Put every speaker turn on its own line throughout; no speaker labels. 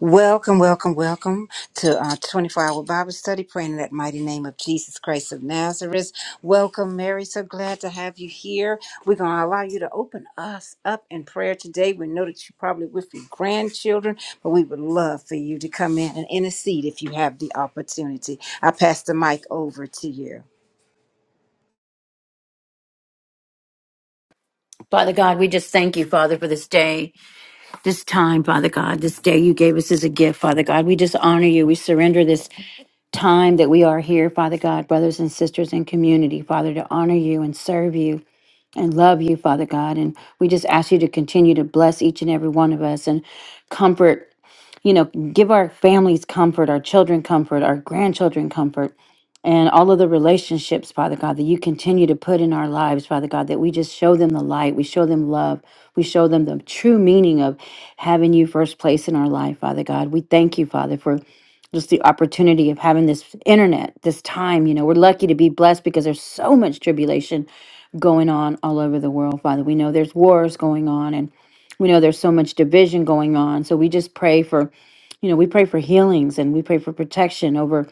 Welcome, welcome, welcome to uh, 24 Hour Bible Study, praying in that mighty name of Jesus Christ of Nazareth. Welcome, Mary. So glad to have you here. We're going to allow you to open us up in prayer today. We know that you're probably with your grandchildren, but we would love for you to come in and intercede if you have the opportunity. I pass the mic over to you.
Father God, we just thank you, Father, for this day, this time, Father God, this day you gave us as a gift, Father God. We just honor you. We surrender this time that we are here, Father God, brothers and sisters in community, Father, to honor you and serve you and love you, Father God. And we just ask you to continue to bless each and every one of us and comfort you know, give our families comfort, our children comfort, our grandchildren comfort, and all of the relationships, Father God, that you continue to put in our lives, Father God, that we just show them the light, we show them love, we show them the true meaning of having you first place in our life, Father God. We thank you, Father, for just the opportunity of having this internet, this time. You know, we're lucky to be blessed because there's so much tribulation going on all over the world, Father. We know there's wars going on and we know there's so much division going on. So we just pray for you know, we pray for healings and we pray for protection over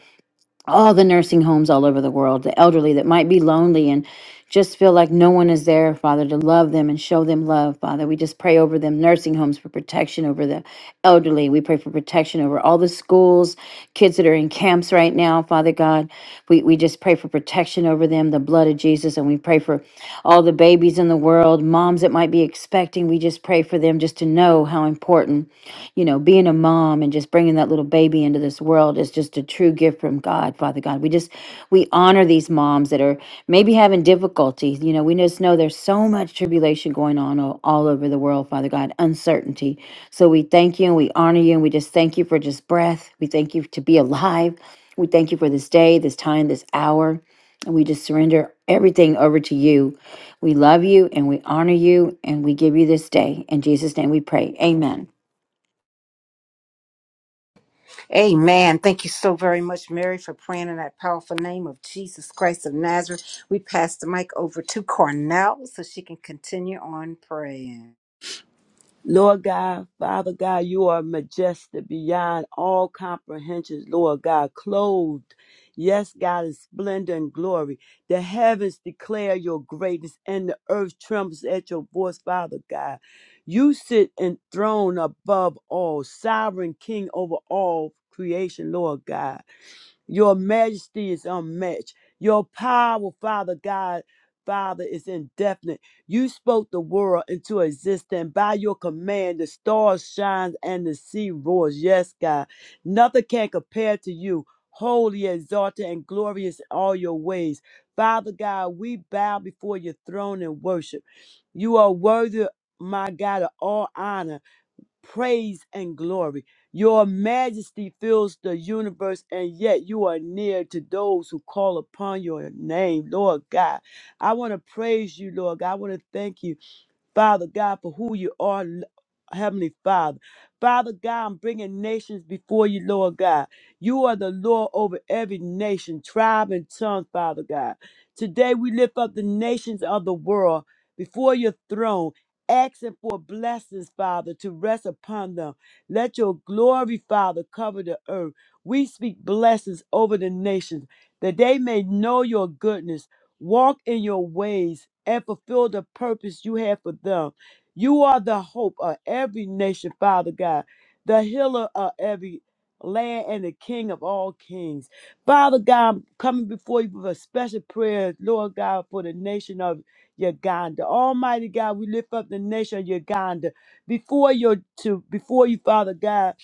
all the nursing homes all over the world, the elderly that might be lonely and just feel like no one is there, Father, to love them and show them love, Father. We just pray over them, nursing homes for protection over the elderly. We pray for protection over all the schools, kids that are in camps right now, Father God. We, we just pray for protection over them, the blood of Jesus. And we pray for all the babies in the world, moms that might be expecting. We just pray for them just to know know how important, you know, being a mom and just bringing that little baby into this world is just a true gift from God, Father God. We just, we honor these moms that are maybe having difficulties. You know, we just know there's so much tribulation going on all, all over the world, Father God, uncertainty. So we thank you and we honor you and we just thank you for just breath. We thank you to be alive. We thank you for this day, this time, this hour. And we just surrender everything over to you. We love you and we honor you and we give you this day. In Jesus' name we pray. Amen.
Amen. Thank you so very much, Mary, for praying in that powerful name of Jesus Christ of Nazareth. We pass the mic over to Cornell so she can continue on praying.
Lord God, Father God, you are majestic beyond all comprehensions, Lord God, clothed, yes, God, in splendor and glory. The heavens declare your greatness, and the earth trembles at your voice, Father God. You sit enthroned above all, sovereign King over all creation, Lord God. Your majesty is unmatched. Your power, Father God, Father, is indefinite. You spoke the world into existence. By your command, the stars shine and the sea roars. Yes, God. Nothing can compare to you. Holy, exalted, and glorious in all your ways. Father God, we bow before your throne and worship. You are worthy, my God, of all honor praise and glory. Your majesty fills the universe, and yet you are near to those who call upon your name, Lord God. I want to praise you, Lord God. I want to thank you. Father God, for who you are, L- Heavenly Father. Father God, I'm bringing nations before you, Lord God. You are the Lord over every nation, tribe, and tongue, Father God. Today we lift up the nations of the world before your throne, asking for blessings, Father, to rest upon them. Let your glory, Father, cover the earth. We speak blessings over the nations that they may know your goodness walk in your ways and fulfill the purpose you have for them. You are the hope of every nation, Father God, the healer of every land and the king of all kings. Father God, I'm coming before you with a special prayer, Lord God, for the nation of Uganda. Almighty God, we lift up the nation of Uganda before your to before you, Father God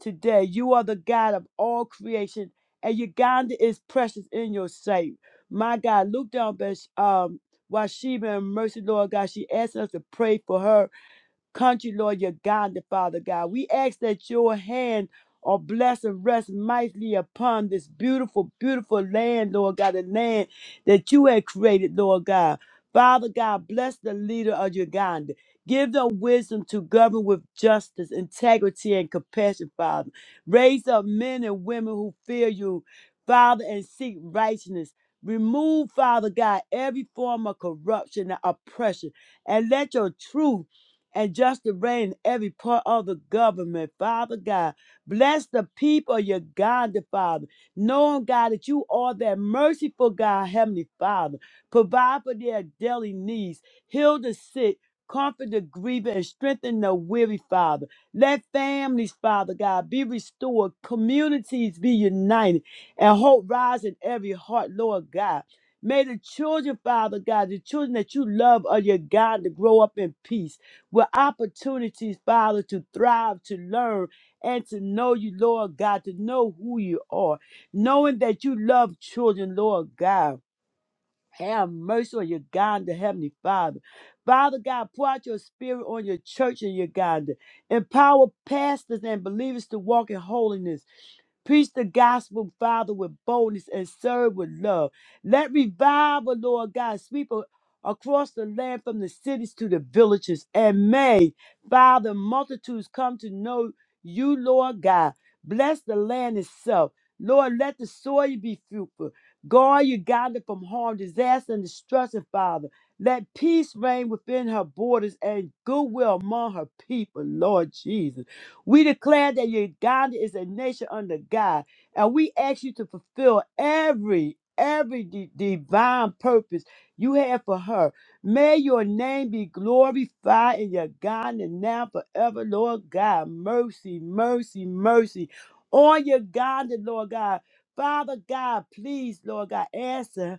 today. You are the God of all creation, and Uganda is precious in your sight. My God, look down, Bash- um, Washeba and mercy, Lord God. She asked us to pray for her country, Lord, your God, the Father God. We ask that your hand or bless and rest mightily upon this beautiful, beautiful land, Lord God, the land that you had created, Lord God. Father God, bless the leader of Uganda. Give them wisdom to govern with justice, integrity, and compassion, Father. Raise up men and women who fear you, Father, and seek righteousness. Remove, Father God, every form of corruption and oppression, and let your truth and just to reign in every part of the government, Father God. Bless the people of Uganda, Father, knowing, God, that you are that merciful God, Heavenly Father. Provide for their daily needs, heal the sick, comfort the grieving, and strengthen the weary, Father. Let families, Father God, be restored, communities be united, and hope rise in every heart, Lord God. May the children, Father God, the children that you love of your God, to grow up in peace with opportunities, Father, to thrive, to learn, and to know you, Lord God, to know who you are, knowing that you love children, Lord God have mercy on Uganda, Heavenly Father. Father God, pour out your spirit on your church in Uganda. Empower pastors and believers to walk in holiness. Preach the gospel, Father, with boldness and serve with love. Let revival, Lord God, sweep a- across the land from the cities to the villages. And may, Father, multitudes come to know you, Lord God. Bless the land itself. Lord, let the soil be fruitful. Guard you guided from harm, disaster, and destruction, Father. Let peace reign within her borders and goodwill among her people, Lord Jesus. We declare that Uganda is a nation under God, and we ask you to fulfill every every di- divine purpose you have for her. May your name be glorified in Uganda now forever, Lord God. Mercy, mercy, mercy on Uganda, Lord God. Father God, please, Lord God, answer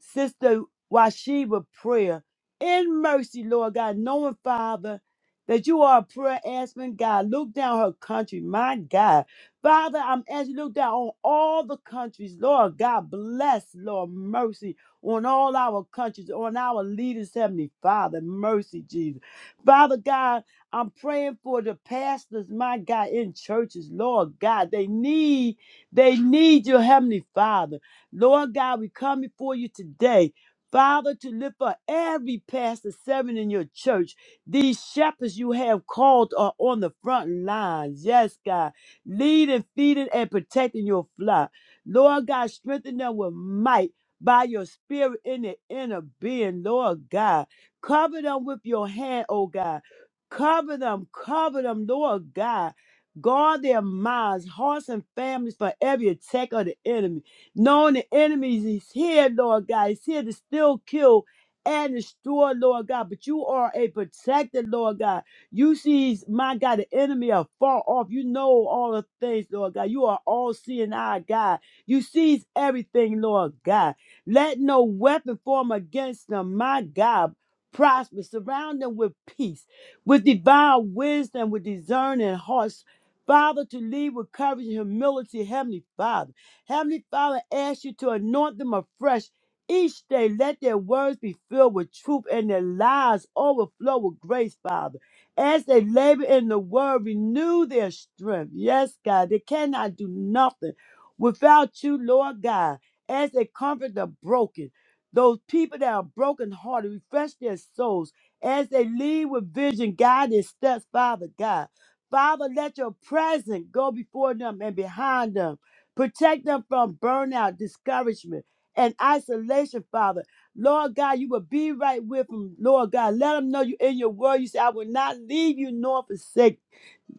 Sister Washiba prayer. In mercy, Lord God, knowing, Father, that you are a prayer asking God. Look down her country, my God. Father, I'm asking you to look down on all the countries. Lord God, bless, Lord, mercy on all our countries, on our leaders, Heavenly Father, mercy, Jesus. Father God, I'm praying for the pastors, my God, in churches, Lord God. They need, they need your Heavenly Father. Lord God, we come before you today. Father, to lift up every pastor, servant in your church. These shepherds you have called are on the front lines. Yes, God. Leading, feeding, and protecting your flock. Lord God, strengthen them with might by your spirit in their inner being, Lord God. Cover them with your hand, oh God. Cover them, cover them, Lord God. Guard their minds, hearts, and families from every attack of the enemy. Knowing the enemies is here, Lord God. It's here to still kill and destroy, Lord God. But you are a protector, Lord God. You see, my God, the enemy are far off. You know all the things, Lord God. You are all seeing our God. You sees everything, Lord God. Let no weapon form against them, my God. Prosper, surround them with peace, with divine wisdom, with discerning hearts, Father, to lead with courage and humility, Heavenly Father. Heavenly Father, ask you to anoint them afresh each day. Let their words be filled with truth and their lives overflow with grace, Father. As they labor in the word, renew their strength. Yes, God, they cannot do nothing without you, Lord God. As they comfort the broken, those people that are brokenhearted, refresh their souls. As they lead with vision, guide their steps, Father God. Father, let your presence go before them and behind them. Protect them from burnout, discouragement, and isolation, Father. Lord God, you will be right with them. Lord God, let them know you in your word. You say, I will not leave you nor forsake you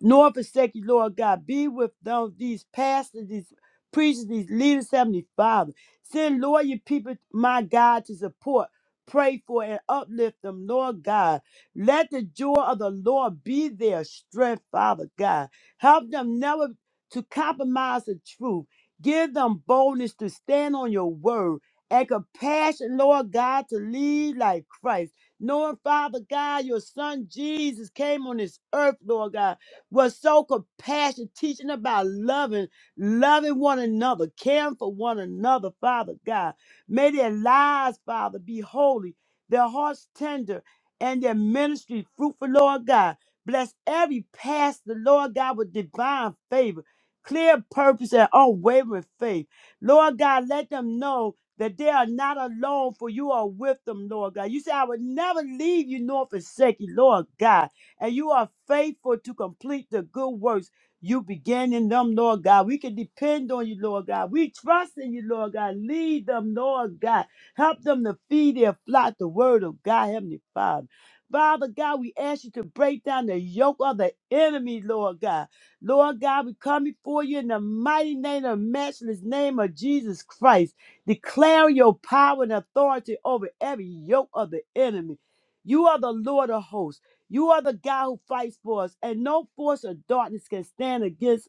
nor forsake you, Lord God. Be with those, these pastors, these preachers, these leaders, Heavenly Father. Send Lord your people, my God, to support, pray for, and uplift them, Lord God. Let the joy of the Lord be their strength, Father God. Help them never to compromise the truth. Give them boldness to stand on your word and compassion, Lord God, to lead like Christ. Knowing, Father God, your son Jesus came on this earth, Lord God was so compassionate, teaching about loving, loving one another, caring for one another, Father God. May their lives, Father, be holy, their hearts tender, and their ministry fruitful, Lord God. Bless every pastor, Lord God, with divine favor, clear purpose, and unwavering faith. Lord God, let them know that they are not alone, for you are with them, Lord God. You say, I would never leave you nor forsake you, Lord God and you are faithful to complete the good works you began in them, Lord God. We can depend on you, Lord God. We trust in you, Lord God. Lead them, Lord God. Help them to feed their flock the word of God, Heavenly Father. Father God, we ask you to break down the yoke of the enemy, Lord God. Lord God, we come before you in the mighty name of matchless name of Jesus Christ. Declare your power and authority over every yoke of the enemy. You are the Lord of hosts. You are the God who fights for us, and no force of darkness can stand against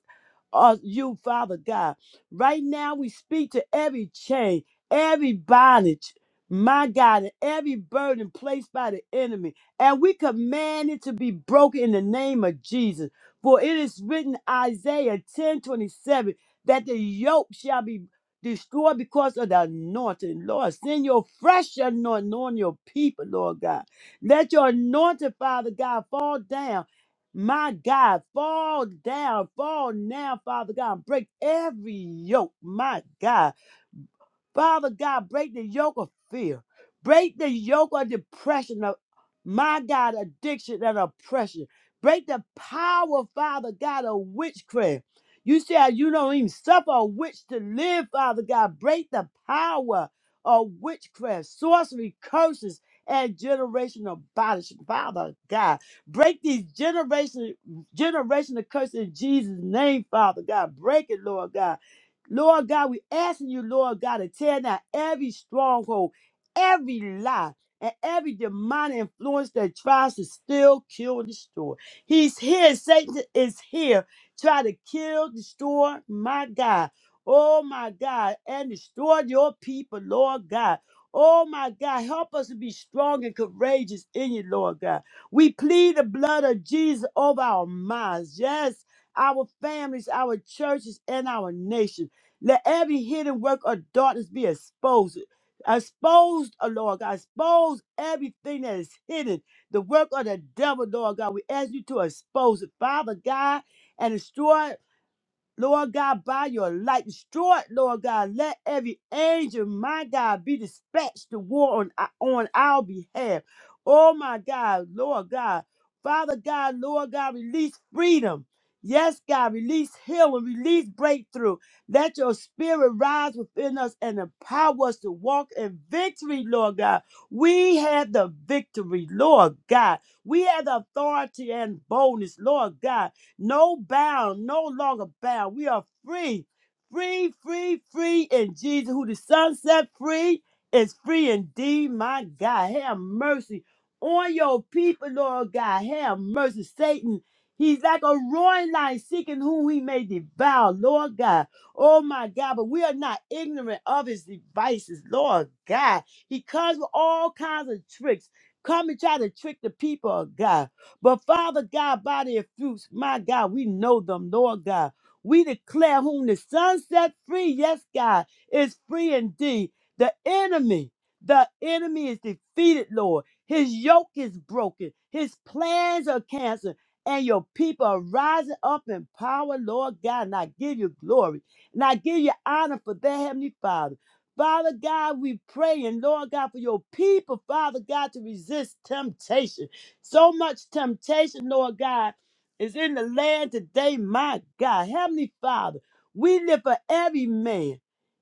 uh, you, Father God. Right now, we speak to every chain, every bondage, my God, and every burden placed by the enemy. And we command it to be broken in the name of Jesus. For it is written, Isaiah ten twenty seven, that the yoke shall be destroyed because of the anointing. Lord, send your fresh anointing on your people, Lord God. Let your anointing, Father God, fall down my God, fall down, fall now, Father God, and break every yoke, my God Father God, break the yoke of fear. Break the yoke of depression, of my God, addiction and oppression. Break the power, Father God, of witchcraft. You said you don't even suffer a witch to live, Father God. Break the power of witchcraft, sorcery, curses, and generational bondage, Father God. Break these generation, generational curses in Jesus' name, Father God. Break it, Lord God. Lord God, we asking you, Lord God, to tear down every stronghold, every lie, and every demonic influence that tries to steal, kill, and destroy. He's here. Satan is here. Try to kill, destroy, my God. Oh, my God. And destroy your people, Lord God. Oh, my God. Help us to be strong and courageous in you, Lord God. We plead the blood of Jesus over our minds. Yes. Our families, our churches, and our nation. Let every hidden work of darkness be exposed. Exposed, oh Lord God, expose everything that is hidden. The work of the devil, Lord God. We ask you to expose it, Father God, and destroy. Lord God, by your light, destroy it, Lord God. Let every angel, my God, be dispatched to war on, on our behalf. Oh, my God, Lord God. Father God, Lord God, release freedom. Yes, God, release healing, release breakthrough. Let your spirit rise within us and empower us to walk in victory, Lord God. We have the victory, Lord God. We have the authority and boldness, Lord God. No bound, no longer bound. We are free, free, free, free in Jesus, who the Son set free is free indeed. My God, have mercy on your people, Lord God. Have mercy, Satan. He's like a roaring lion seeking whom he may devour, Lord God. Oh my God, but we are not ignorant of his devices, Lord God. He comes with all kinds of tricks. Come and try to trick the people of God. But Father God, by their fruits, my God, we know them, Lord God. We declare whom the Son set free, yes, God, is free indeed. The enemy, the enemy is defeated, Lord. His yoke is broken, his plans are canceled, and your people are rising up in power, Lord God. And I give you glory, and I give you honor for that, Heavenly Father. Father God, we pray, and Lord God, for your people, Father God, to resist temptation. So much temptation, Lord God, is in the land today, my God. Heavenly Father, we live for every man.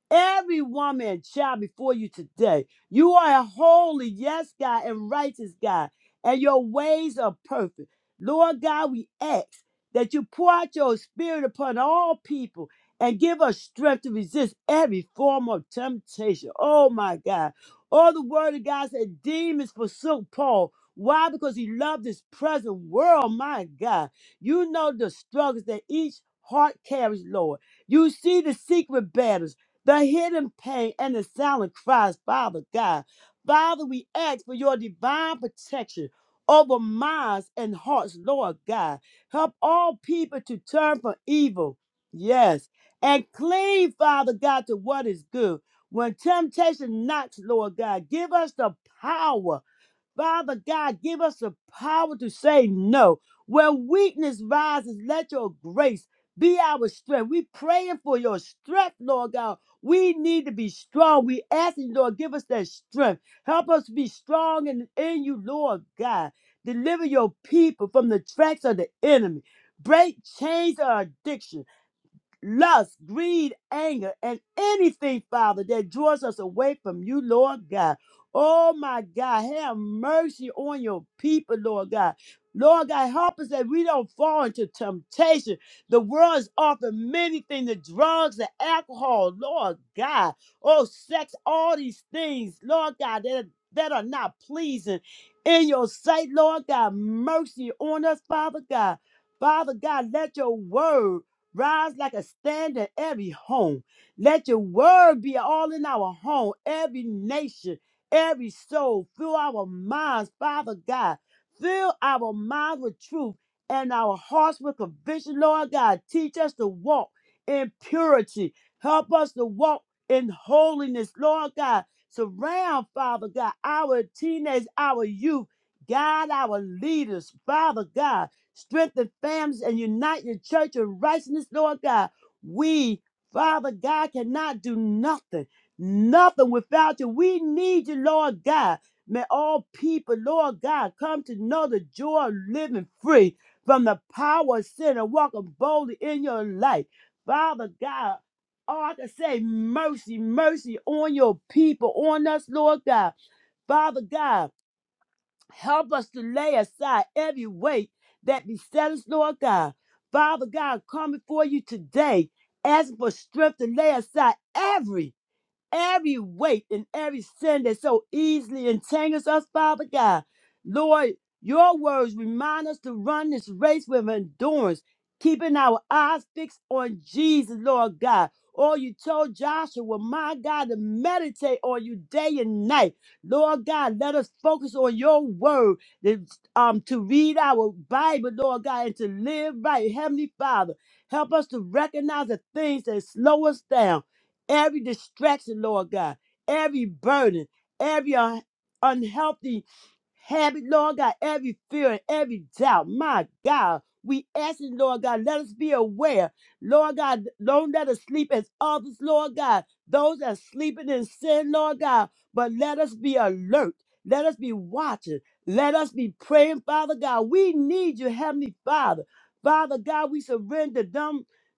Every woman and child before you today. You are a holy, yes, God, and righteous God, and your ways are perfect. Lord God, we ask that you pour out your spirit upon all people and give us strength to resist every form of temptation. Oh my God. All the word of God said demons forsook Paul. Why? Because he loved this present world. My God. You know the struggles that each heart carries, Lord. You see the secret battles the hidden pain and the silent cries, Father God. Father, we ask for your divine protection over minds and hearts, Lord God. Help all people to turn from evil, yes, and cling, Father God, to what is good. When temptation knocks, Lord God, give us the power Father God, give us the power to say no. Where weakness rises, let your grace be our strength. We praying for your strength, Lord God. We need to be strong. We asking, Lord, give us that strength. Help us be strong in, in you, Lord God. Deliver your people from the tracks of the enemy. Break chains of addiction lust, greed, anger, and anything, Father, that draws us away from you, Lord God. Oh my God, have mercy on your people, Lord God. Lord God, help us that we don't fall into temptation. The world is offering many things the drugs, the alcohol, Lord God. Oh, sex, all these things, Lord God, that, that are not pleasing in your sight, Lord God. Mercy on us, Father God. Father God, let your word Rise like a stand in every home. Let your word be all in our home, every nation, every soul. Fill our minds, Father God. Fill our minds with truth and our hearts with conviction, Lord God. Teach us to walk in purity. Help us to walk in holiness, Lord God. Surround, Father God, our teenage, our youth. Guide our leaders, Father God strengthen families and unite your church in righteousness, Lord God. We, Father God, cannot do nothing, nothing without you. We need you, Lord God. May all people, Lord God, come to know the joy of living free from the power of sin and walking boldly in your light. Father God, all I can say, mercy, mercy on your people, on us, Lord God. Father God, Help us to lay aside every weight that beset us, Lord God. Father God, come before you today, asking for strength to lay aside every every weight and every sin that so easily entangles us, Father God. Lord, your words remind us to run this race with endurance, keeping our eyes fixed on Jesus, Lord God. Or you told Joshua, my God, to meditate on you day and night. Lord God, let us focus on your word, that, um, to read our Bible, Lord God, and to live right. Heavenly Father, help us to recognize the things that slow us down every distraction, Lord God, every burden, every un- unhealthy habit, Lord God, every fear and every doubt. My God, we asking, Lord God, let us be aware. Lord God, don't let us sleep as others, Lord God, those that are sleeping in sin, Lord God, but let us be alert. Let us be watching. Let us be praying, Father God. We need you, Heavenly Father. Father God, we surrender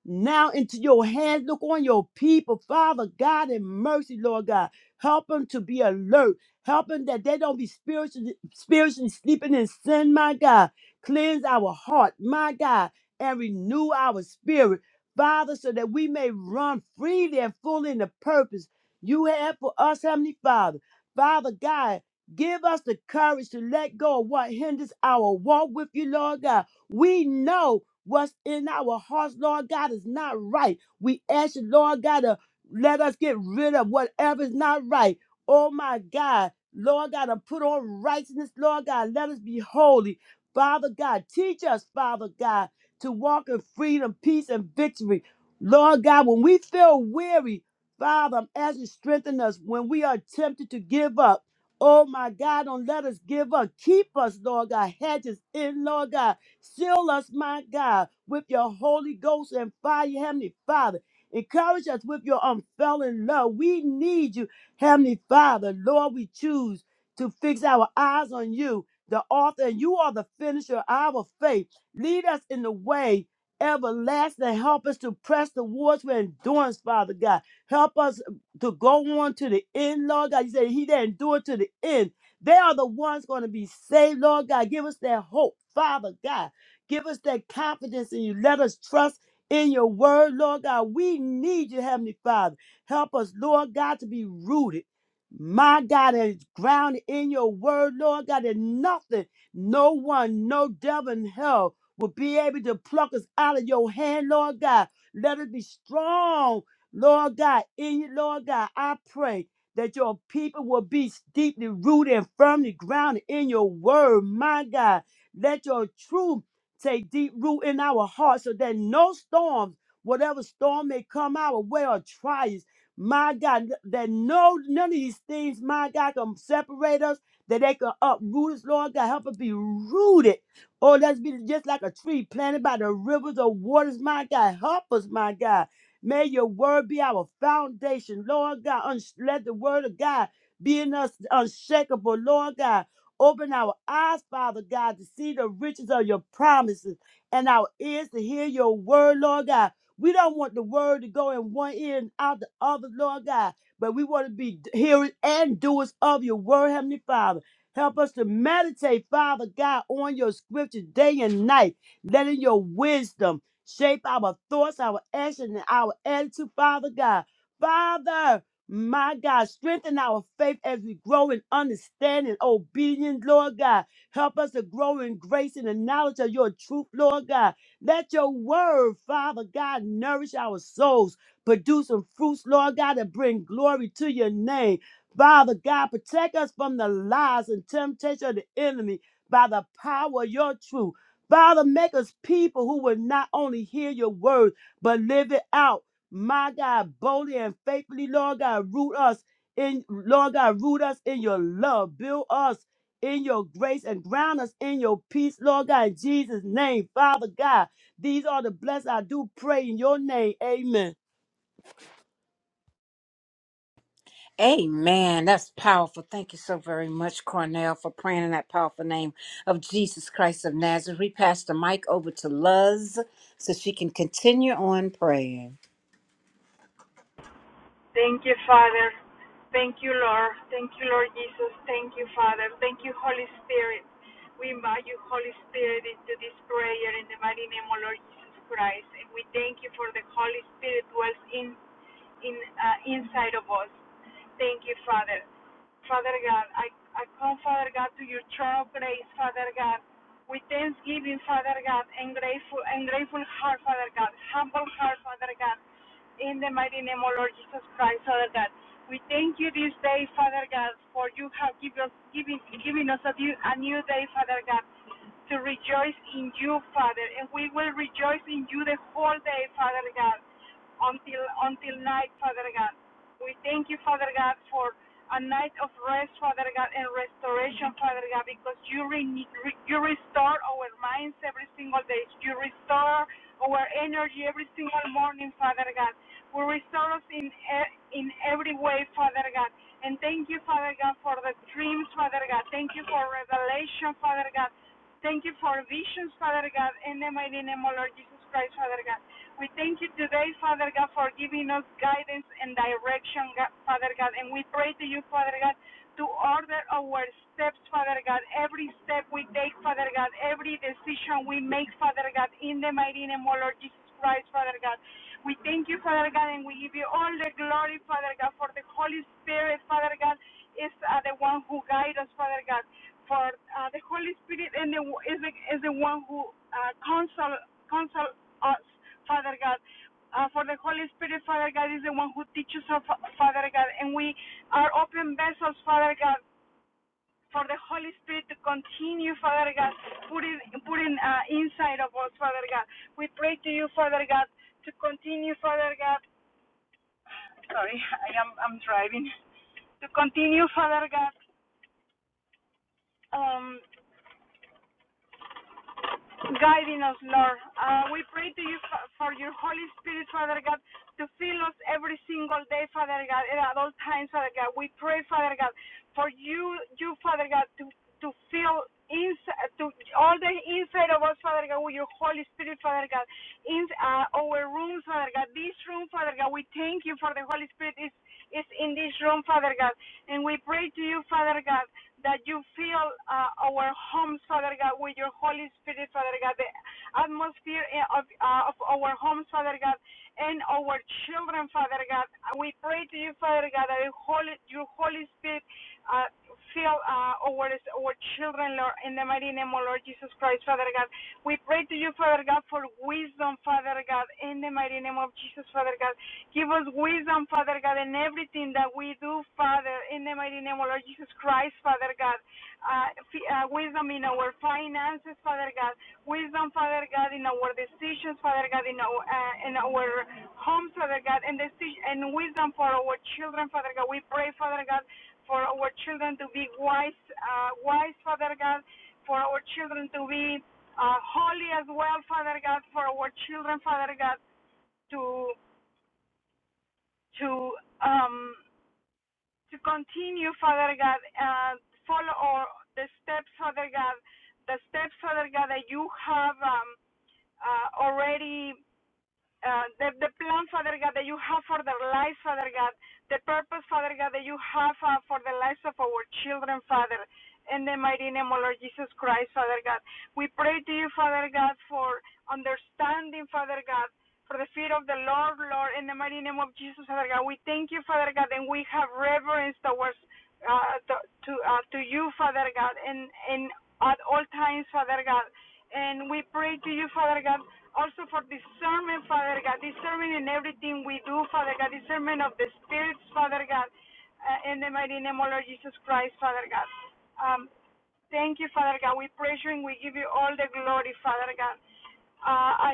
now into your hands. Look on your people, Father God, in mercy, Lord God. Help them to be alert. Help them that they don't be spiritually, spiritually sleeping in sin, my God. Cleanse our heart, my God, and renew our spirit, Father, so that we may run freely and fully in the purpose you have for us, Heavenly Father. Father God, give us the courage to let go of what hinders our walk with you, Lord God. We know What's in our hearts, Lord God, is not right. We ask you, Lord God, to let us get rid of whatever is not right. Oh my God. Lord God, to put on righteousness, Lord God, let us be holy. Father God, teach us, Father God, to walk in freedom, peace, and victory. Lord God, when we feel weary, Father, I'm asking you to strengthen us when we are tempted to give up. Oh my God, don't let us give up. Keep us, Lord God. hedges in, Lord God. Seal us, my God, with your Holy Ghost and fire, Heavenly Father. Encourage us with your unfailing love. We need you, Heavenly Father. Lord, we choose to fix our eyes on you, the author, and you are the finisher of our faith. Lead us in the way everlasting. Help us to press towards with endurance, Father God. Help us to go on to the end, Lord God. You say he that endured to the end. They are the ones going to be saved, Lord God. Give us that hope, Father God. Give us that confidence in you. Let us trust in your word, Lord God. We need you, Heavenly Father. Help us, Lord God, to be rooted. My God, is grounded in your word, Lord God, that nothing, no one, no devil in hell will be able to pluck us out of your hand, Lord God. Let us be strong, Lord God, in you, Lord God. I pray that your people will be deeply rooted and firmly grounded in your word, my God. Let your truth take deep root in our hearts so that no storms, whatever storm may come our way or trials, my God, that no none of these things, my God, can separate us, that they can uproot us, Lord God. Help us be rooted. Oh, let's be just like a tree planted by the rivers of waters, my God. Help us, my God. May your word be our foundation, Lord God. Uns- Let the word of God be in us unshakable, Lord God. Open our eyes, Father God, to see the riches of your promises and our ears to hear your word, Lord God. We don't want the word to go in one ear and out the other, Lord God, but we want to be hearers and doers of your word, Heavenly Father. Help us to meditate, Father God, on your scriptures day and night, letting your wisdom shape our thoughts, our action, and our attitude, Father God. Father, my God, strengthen our faith as we grow in understanding, obedience, Lord God. Help us to grow in grace and the knowledge of your truth, Lord God. Let your word, Father God, nourish our souls, produce some fruits, Lord God, that bring glory to your name. Father God, protect us from the lies and temptation of the enemy by the power of your truth. Father, make us people who will not only hear your word, but live it out. My God, boldly and faithfully, Lord God, root us in, Lord God, root us in your love. Build us in your grace and ground us in your peace, Lord God, in Jesus' name. Father God, these are the blessings I do pray in your name. Amen.
Amen. That's powerful. Thank you so very much, Cornell, for praying in that powerful name of Jesus Christ of Nazareth. We pass the mic over to Luz so she can continue on praying.
Thank you, Father. Thank you, Lord. Thank you, Lord Jesus. Thank you, Father. Thank you, Holy Spirit. We invite you, Holy Spirit, into this prayer in the mighty name of Lord Jesus Christ. And we thank you for the Holy Spirit dwells in in uh, inside of us. Thank you, Father. Father God, I, I come, Father God, to your throne of grace, Father God, with thanksgiving, Father God, and grateful and grateful heart, Father God, humble heart, Father God, in the mighty name of Lord Jesus Christ, Father God. We thank you this day, Father God, for you have given us, given, given us a, new, a new day, Father God, to rejoice in you, Father, and we will rejoice in you the whole day, Father God until until night, Father God. We thank you, Father God, for a night of rest, Father God, and restoration, Father God, because you re- re- you restore our minds every single day. You restore our energy every single morning, Father God. We restore us in e- in every way, Father God. And thank you, Father God, for the dreams, Father God. Thank you for revelation, Father God. Thank you for visions, Father God, in the mighty name of Lord Jesus Christ, Father God. We thank you today, Father God, for giving us guidance and direction, God, Father God. And we pray to you, Father God, to order our steps, Father God, every step we take, Father God, every decision we make, Father God, in the mighty name of Lord Jesus Christ, Father God. We thank you, Father God, and we give you all the glory, Father God, for the Holy Spirit, Father God, is uh, the one who guides us, Father God. For uh, the Holy Spirit and the, is, the, is the one who uh, counsel, counsel us, Father God. Uh, for the Holy Spirit, Father God, is the one who teaches us, Father God. And we are open vessels, Father God, for the Holy Spirit to continue, Father God, putting, putting uh, inside of us, Father God. We pray to you, Father God, to continue, Father God. Sorry, I am I'm driving. To continue, Father God. Um. Guiding us, Lord. Uh, we pray to you for, your Holy Spirit, Father God, to fill us every single day, Father God, and at all times, Father God. We pray, Father God, for you, you, Father God, to to fill inside, to all the inside of us, Father God, with your Holy Spirit, Father God, in uh, our rooms, Father God, this room, Father God. We thank you for the Holy Spirit is is in this room, Father God, and we pray to you, Father God that you fill uh, our homes, Father God, with your Holy Spirit, Father God, the atmosphere eh, of, uh, of our homes, Father God, and our children, Father God. We pray to you, Father God, that your Holy, your Holy Spirit uh, fill uh, our, our children, Lord, in the mighty name of Lord Jesus Christ, Father God. We pray to you, Father God, for wisdom, Father God, in the mighty name of Jesus, Father God. Give us wisdom, Father God, in everything that we do, Father, in the mighty name of Lord Jesus Christ, Father God. Uh, f- uh, wisdom in our finances, Father God. Wisdom, Father God, in our decisions, Father God, in our uh, in our homes, Father God, and deci- and wisdom for our children, Father God. We pray, Father God, for our children to be wise, uh, wise, Father God, for our children to be uh, holy as well, Father God, for our children, Father God, to to um, to continue, Father God, uh, follow all the steps, Father God, the steps, Father God, that you have um, uh, already uh, the, the plan, Father God, that you have for their lives, Father God, the purpose, Father God, that you have uh, for the lives of our children, Father, in the mighty name of Lord Jesus Christ, Father God. We pray to you, Father God, for understanding, Father God, for the fear of the Lord, Lord, in the mighty name of Jesus, Father God. We thank you, Father God, and we have reverence towards uh, to to, uh, to you, Father God, and and at all times, Father God. And we pray to you, Father God, also for discernment, Father God, discernment in everything we do, Father God, discernment of the spirits, Father God, uh, in the mighty name of Lord Jesus Christ, Father God. Um, thank you, Father God. We praise you and we give you all the glory, Father God. Uh, I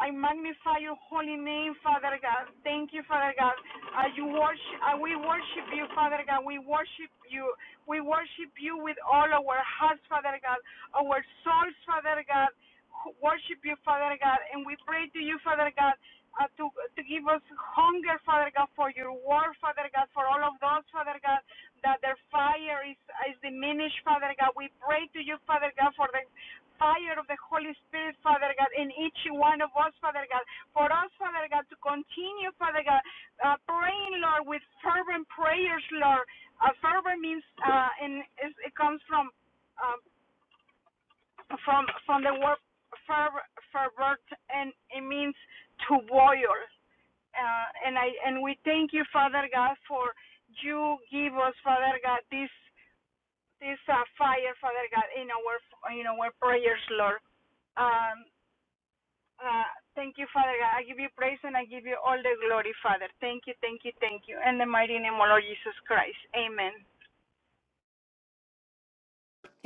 I magnify your holy name, Father God. Thank you, Father God. Uh, you worship, uh, we worship you, Father God. We worship you. We worship you with all our hearts, Father God. Our souls, Father God, who worship you, Father God. And we pray to you, Father God, uh, to to give us hunger, Father God, for your word, Father God, for all of those, Father God, that their fire is is diminished, Father God. We pray to you, Father God, for the fire of the Holy Spirit, Father God, in each one of us, Father God. For us, Father God, to continue, Father God, uh, praying, Lord, with fervent prayers, Lord. Uh, fervent means, uh, and is- it comes from um, from from the word ferv- fervent, and it means to boil. Uh, and I and we thank you, Father God, for you give us, Father God, this this uh, fire, Father God, in our in our prayers, Lord. Um, Uh, thank you, Father God. I give you praise and I give you all the glory, Father. Thank you, thank you, thank you. In the mighty name of Lord Jesus Christ. Amen.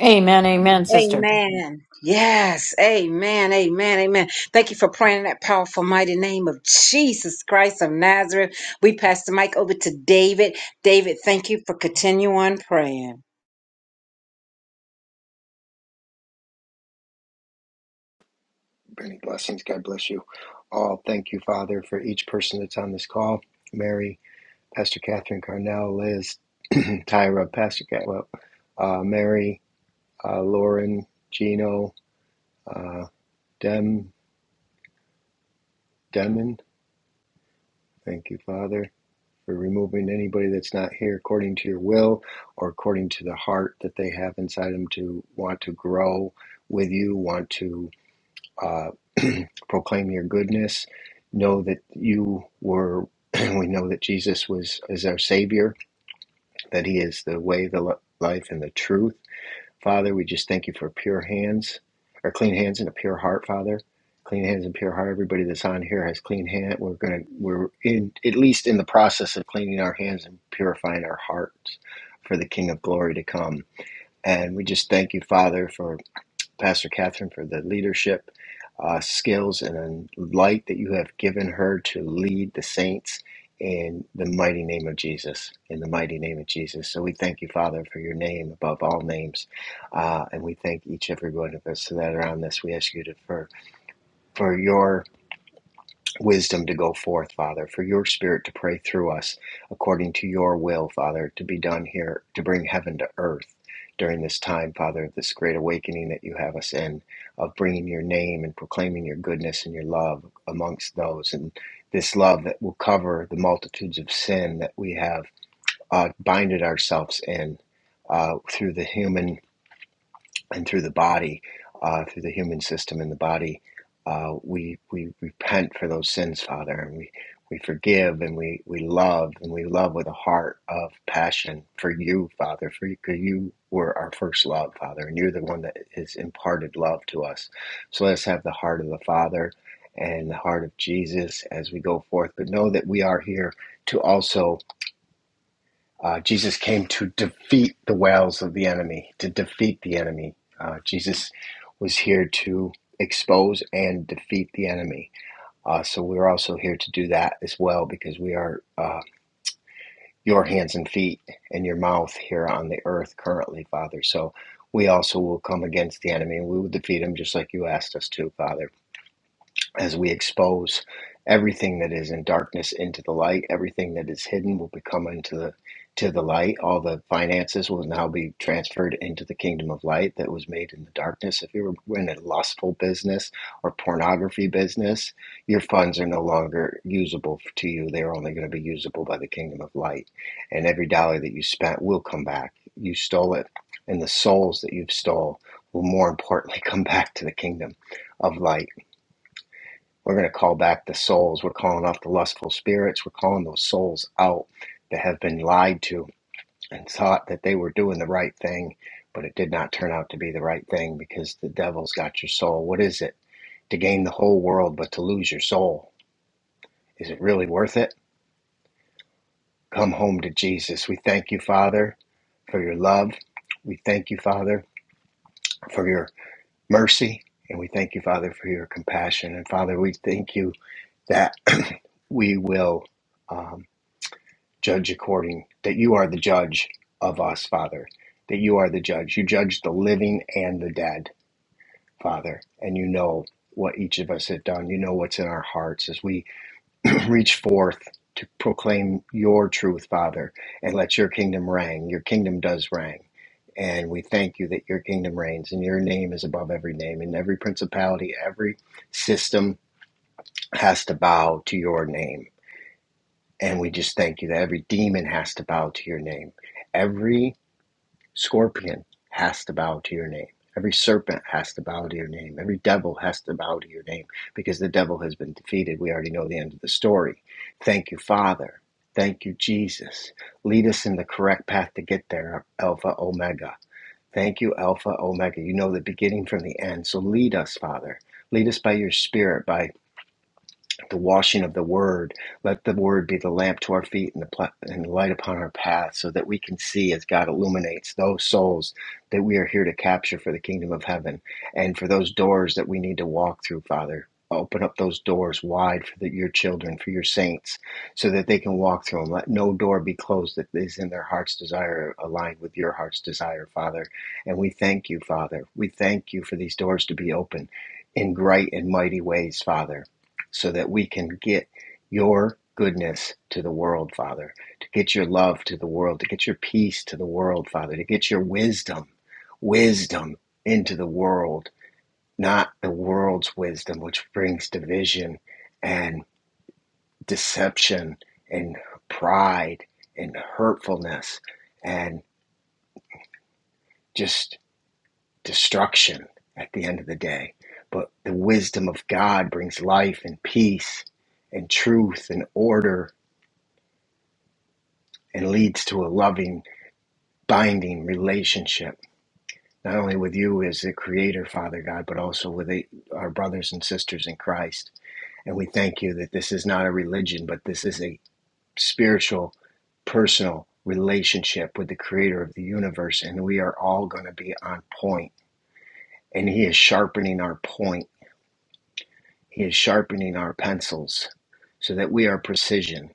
Amen. Amen, sister.
Amen. Yes. Amen. Amen. Amen. Thank you for praying in that powerful, mighty name of Jesus Christ of Nazareth. We pass the mic over to David. David, thank you for continuing praying.
Many blessings. God bless you all. Thank you, Father, for each person that's on this call. Mary, Pastor Catherine Carnell, Liz, Tyra, Pastor Catwell, uh, Mary, uh, Lauren, Gino, uh, Dem, Demon. Thank you, Father, for removing anybody that's not here according to your will or according to the heart that they have inside them to want to grow with you, want to. uh, proclaim your goodness, know that you were, we know that Jesus was is our Savior, that He is the way, the li- life, and the truth. Father, we just thank you for pure hands, or clean hands and a pure heart, Father. Clean hands and pure heart. Everybody that's on here has clean hand. We're gonna, we're in at least in the process of cleaning our hands and purifying our hearts for the King of Glory to come. And we just thank you, Father, for Pastor Catherine, for the leadership uh, skills and the light that you have given her to lead the saints in the mighty name of Jesus. In the mighty name of Jesus. So we thank you, Father, for your name above all names. Uh, and we thank each, every one of us that are on this. We ask you to, for, for your wisdom to go forth, Father, for your spirit to pray through us according to your will, Father, to be done here, to bring heaven to earth during this time, Father, this great awakening that you have us in, of bringing your name and proclaiming your goodness and your love amongst those, and this love that will cover the multitudes of sin that we have uh, binded ourselves in uh, through the human and through the body, uh, through the human system and the body, uh, we we repent for those sins, Father, and we we forgive and we we love and we love with a heart of passion for you, Father, for you, 'cause you were our first love, Father, and you're the one that has imparted love to us. So let us have the heart of the Father and the heart of Jesus as we go forth, but know that we are here to also. Uh, Jesus came to defeat the wiles of the enemy, to defeat the enemy. Uh, Jesus was here to expose and defeat the enemy. Uh, so we're also here to do that as well because we are uh, your hands and feet and your mouth here on the earth currently, Father. So we also will come against the enemy and we will defeat him just like you asked us to, Father as we expose everything that is in darkness into the light everything that is hidden will become into the to the light all the finances will now be transferred into the kingdom of light that was made in the darkness if you were in a lustful business or pornography business your funds are no longer usable to you they're only going to be usable by the kingdom of light and every dollar that you spent will come back you stole it and the souls that you've stole will more importantly come back to the kingdom of light we're going to call back the souls. We're calling off the lustful spirits. We're calling those souls out that have been lied to and thought that they were doing the right thing, but it did not turn out to be the right thing because the devil's got your soul. What is it? To gain the whole world, but to lose your soul. Is it really worth it? Come home to Jesus. We thank you, Father, for your love. We thank you, Father, for your mercy. And we thank you, Father, for your compassion. And Father, we thank you that we will. um, judge according, that you are the judge of us, Father, that you are the judge. You judge the living and the dead, Father, and you know what each of us have done. You know what's in our hearts as we reach forth to proclaim your truth, Father, and let your kingdom reign. Your kingdom does reign. And we thank you that your kingdom reigns and your name is above every name and every principality, every system has to bow to your name and we just thank you that every demon has to bow to your name. Every scorpion has to bow to your name. Every serpent has to bow to your name. Every devil has to bow to your name because the devil has been defeated. We already know the end of the story. Thank you, Father. Thank you, Jesus. Lead us in the correct path to get there, Alpha Omega. Thank you, Alpha Omega. You know the beginning from the end. So lead us, Father. Lead us by your spirit, by the washing of the word. Let the word be the lamp to our feet and the, pla- and the light upon our path so that we can see as God illuminates those souls that we are here to capture for the kingdom of heaven and for those doors that we need to walk through, Father. Open up those doors wide for the, your children, for your saints, so that they can walk through them. Let no door be closed that is in their heart's desire, aligned with your heart's desire, Father. And we thank you, Father. We thank you for these doors to be open in great and mighty ways, Father so that we can get your goodness to the world, Father, to get your love to the world, to get your peace to the world, Father, to get your wisdom, wisdom into the world, not the world's wisdom, which brings division and deception and pride and hurtfulness and just destruction at the end of the day. But the wisdom of God brings life and peace and truth and order and leads to a loving, binding relationship, not only with you as the Creator, Father God, but also with the, our brothers and sisters in Christ. And we thank you that this is not a religion, but this is a spiritual, personal relationship with the Creator of the universe. And we are all going to be on point. And He is sharpening our point, He is sharpening our pencils so that we are precision,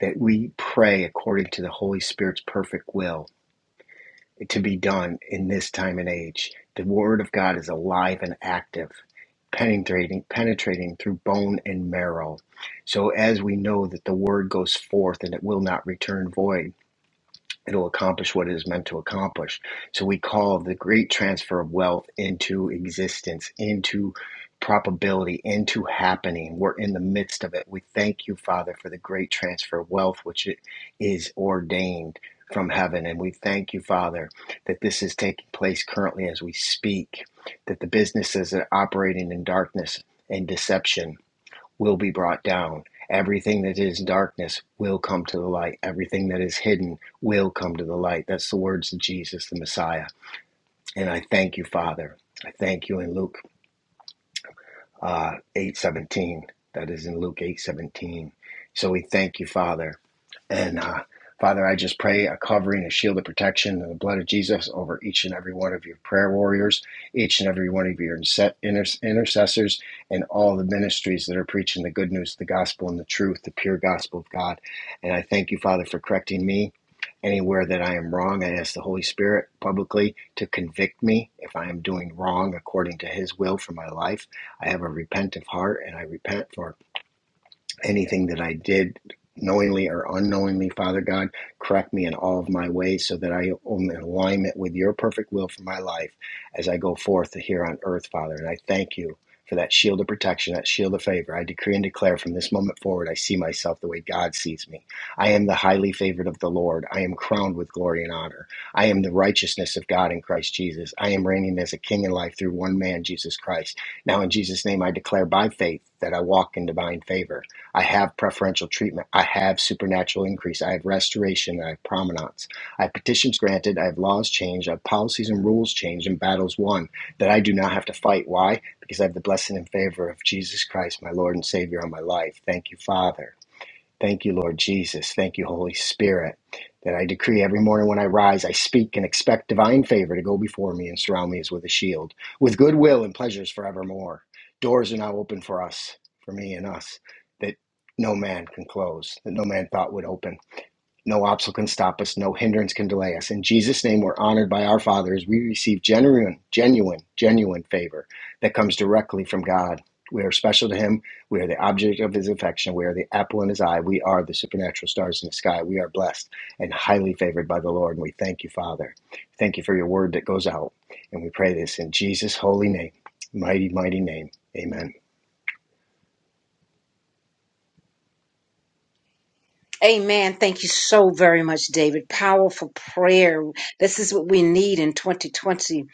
that we pray according to the Holy Spirit's perfect will to be done in this time and age. The Word of God is alive and active, penetrating, penetrating through bone and marrow. So as we know that the Word goes forth and it will not return void, it'll accomplish what it is meant to accomplish. So we call the great transfer of wealth into existence, into probability, into happening. We're in the midst of it. We thank you, Father, for the great transfer of wealth, which is ordained from heaven. And we thank you, Father, that this is taking place currently as we speak, that the businesses that are operating in darkness and deception will be brought down. Everything that is darkness will come to the light. Everything that is hidden will come to the light. That's the words of Jesus, the Messiah. And I thank you, Father. I thank you in Luke uh, 817. That is in Luke 817. So we thank you, Father. And uh, Father, I just pray a covering, a shield of protection, and the blood of Jesus over each and every one of your prayer warriors, each and every one of your intercessors, and all the ministries that are preaching the good news, the gospel, and the truth, the pure gospel of God. And I thank you, Father, for correcting me. Anywhere that I am wrong, I ask the Holy Spirit publicly to convict me if I am doing wrong according to His will for my life. I have a repentive heart and I repent for anything that I did knowingly or unknowingly, Father God, correct me in all of my ways so that I am in alignment with your perfect will for my life as I go forth here on earth, Father. And I thank you for that shield of protection, that shield of favor. I decree and declare from this moment forward, I see myself the way God sees me. I am the highly favored of the Lord. I am crowned with glory and honor. I am the righteousness of God in Christ Jesus. I am reigning as a king in life through one man, Jesus Christ. Now, in Jesus' name, I declare by faith that I walk in divine favor. I have preferential treatment. I have supernatural increase. I have restoration. I have prominence. I have petitions granted. I have laws changed. I have policies and rules changed and battles won that I do not have to fight. Why? Because I have the blessing and favor of Jesus Christ, my Lord and Savior, on my life. Thank you, Father. Thank you, Lord Jesus. Thank you, Holy Spirit, that I decree every morning when I rise, I speak and expect divine favor to go before me and surround me as with a shield, with goodwill and pleasures forevermore. Doors are now open for us, for me and us, that no man can close, that no man thought would open. No obstacle can stop us. No hindrance can delay us. In Jesus' name, we're honored by our Father as we receive genuine, genuine, genuine favor that comes directly from God. We are special to Him. We are the object of His affection. We are the apple in His eye. We are the supernatural stars in the sky. We are blessed and highly favored by the Lord. And we thank you, Father. Thank you for your word that goes out. And we pray this in Jesus' holy name, mighty, mighty name. Amen.
Amen. Thank you so very much, David. Powerful prayer. This is what we need in twenty twenty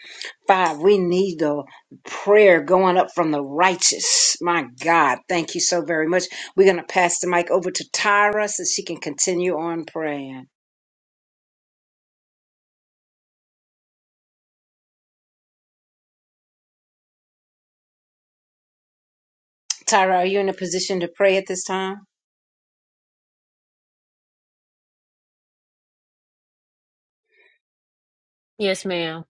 five. We need the prayer going up from the righteous. My God, thank you so very much. We're going to pass the mic over to Tyra so she can continue on praying. Tyra, are you in a position to pray at this time?
Yes, ma'am.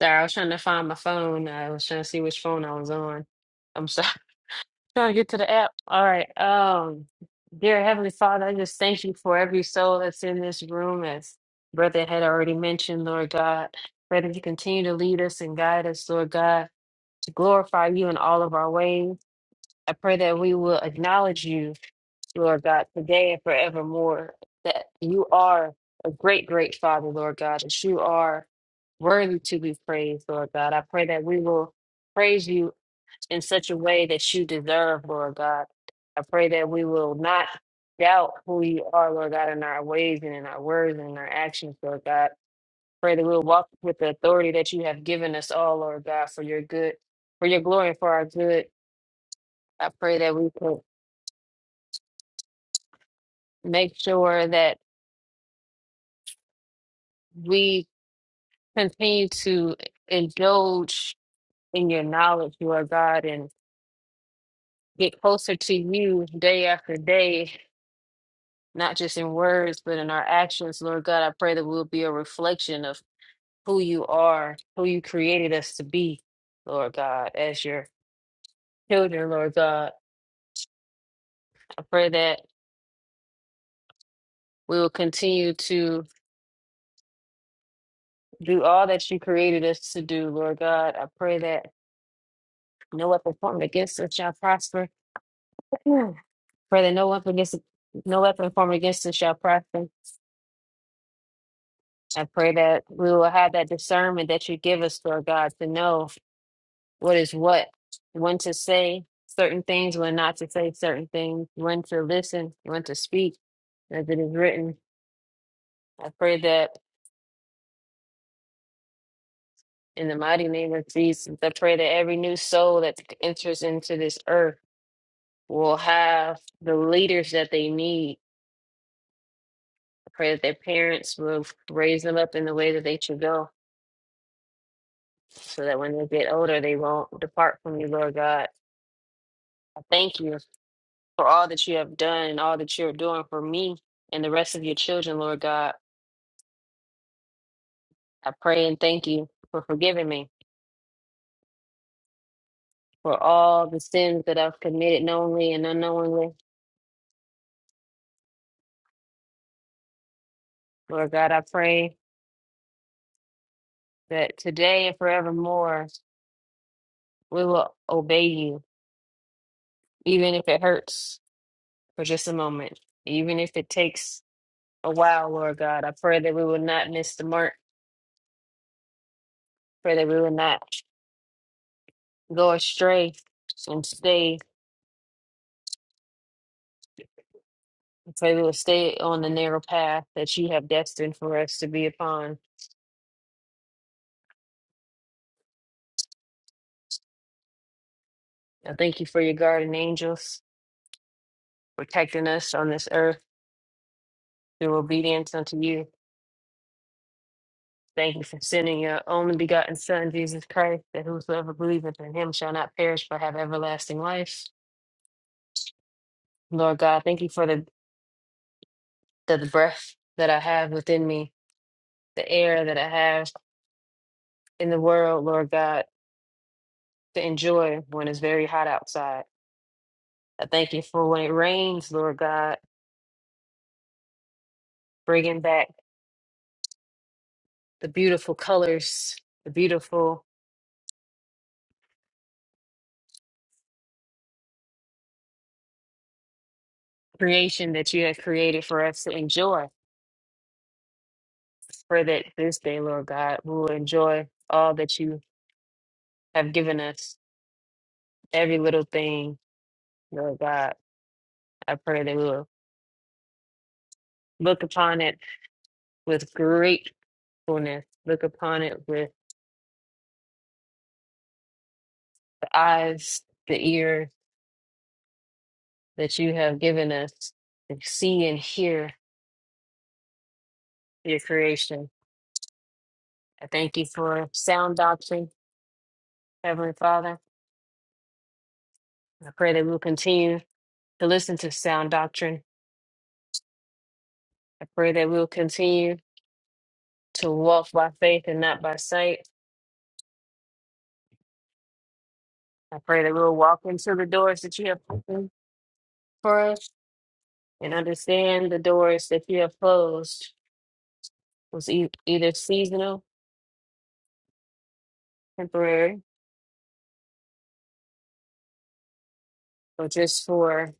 Sorry, I was trying to find my phone. I was trying to see which phone I was on. I'm sorry. Trying to get to the app. All right. Um, dear Heavenly Father, I just thank you for every soul that's in this room, as Brother had already mentioned, Lord God. Pray that you continue to lead us and guide us, Lord God, to glorify you in all of our ways. I pray that we will acknowledge you Lord God, today and forevermore, that you are a great, great Father, Lord God, that you are worthy to be praised, Lord God. I pray that we will praise you in such a way that you deserve, Lord God. I pray that we will not doubt who you are, Lord God, in our ways and in our words and in our actions, Lord God. Pray that we'll walk with the authority that you have given us all, Lord God, for your good, for your glory and for our good. I pray that we can make sure that we continue to indulge in your knowledge, Lord God, and get closer to you day after day, not just in words, but in our actions, Lord God. I pray that we'll be a reflection of who you are, who you created us to be, Lord God, as your children, Lord God. I pray that we will continue to do all that you created us to do, Lord God. I pray that no weapon formed against us shall prosper. Pray that no weapon against no weapon formed against us shall prosper. I pray that we will have that discernment that you give us, Lord God, to know what is what, when to say certain things, when not to say certain things, when to listen, when to speak, as it is written. I pray that in the mighty name of Jesus, I pray that every new soul that enters into this earth will have the leaders that they need. I pray that their parents will raise them up in the way that they should go. so that when they get older, they won't depart from you, Lord God. I thank you for all that you have done and all that you're doing for me and the rest of your children, Lord God. I pray and thank you for forgiving me for all the sins that I've committed knowingly and unknowingly. Lord God, I pray that today and forevermore we will obey you, even if it hurts for just a moment, even if it takes a while, Lord God. I pray that we will not miss the mark. Pray that we will not go astray and stay, pray we will stay on the narrow path that you have destined for us to be upon. I thank you for your guardian angels protecting us on this earth through obedience unto you. Thank you for sending your only begotten Son, Jesus Christ, that whosoever believeth in him shall not perish but have everlasting life. Lord God, thank you for the, the, the breath that I have within me, the air that I have in the world, Lord God, to enjoy when it's very hot outside. I thank you for when it rains, Lord God, bringing back the beautiful colors, the beautiful creation that you have created for us to enjoy. Pray that this day, Lord God, we will enjoy all that you have given us, every little thing, Lord God. I pray that we will look upon it with gratefulness, look upon it with the eyes, the ear that you have given us to see and hear your creation. I thank you for sound doctrine. Heavenly Father, I pray that we'll continue to listen to sound doctrine. I pray that we'll continue to walk by faith and not by sight. I pray that we'll walk into the doors that you have opened for us and understand the doors that you have closed was e- either seasonal, temporary, or just for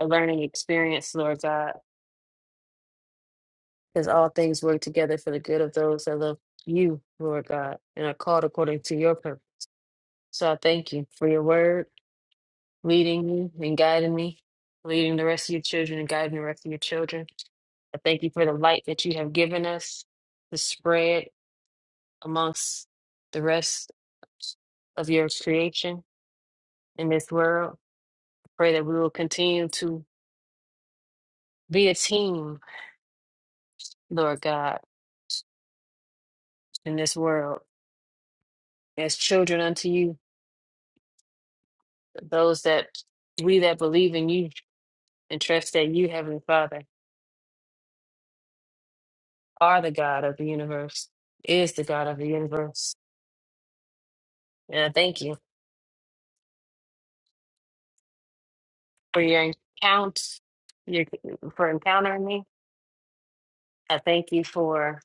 a learning experience, Lord God. Because all things work together for the good of those that love you, Lord God, and are called according to your purpose. So I thank you for your word. leading me and guiding me, leading the rest of your children and guiding the rest of your children. I thank you for the light that you have given us to spread amongst the rest of your creation in this world. I pray that we will continue to be a team, Lord God, in this world, as children unto you, those that we that believe in you and trust that you, Heavenly Father, are the God of the universe, is the God of the universe. And I thank you. for your encounter, your, for encountering me. I thank you for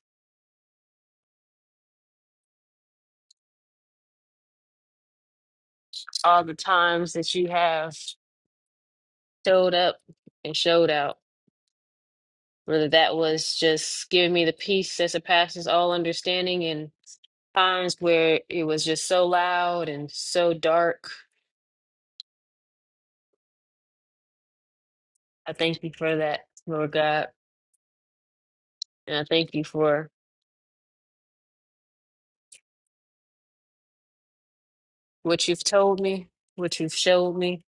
all the times that you have showed up and showed out. Whether that was just giving me the peace that surpasses all understanding and times where it was just so loud and so dark. I thank you for that, Lord God. And I thank you for what you've told me, what you've showed me,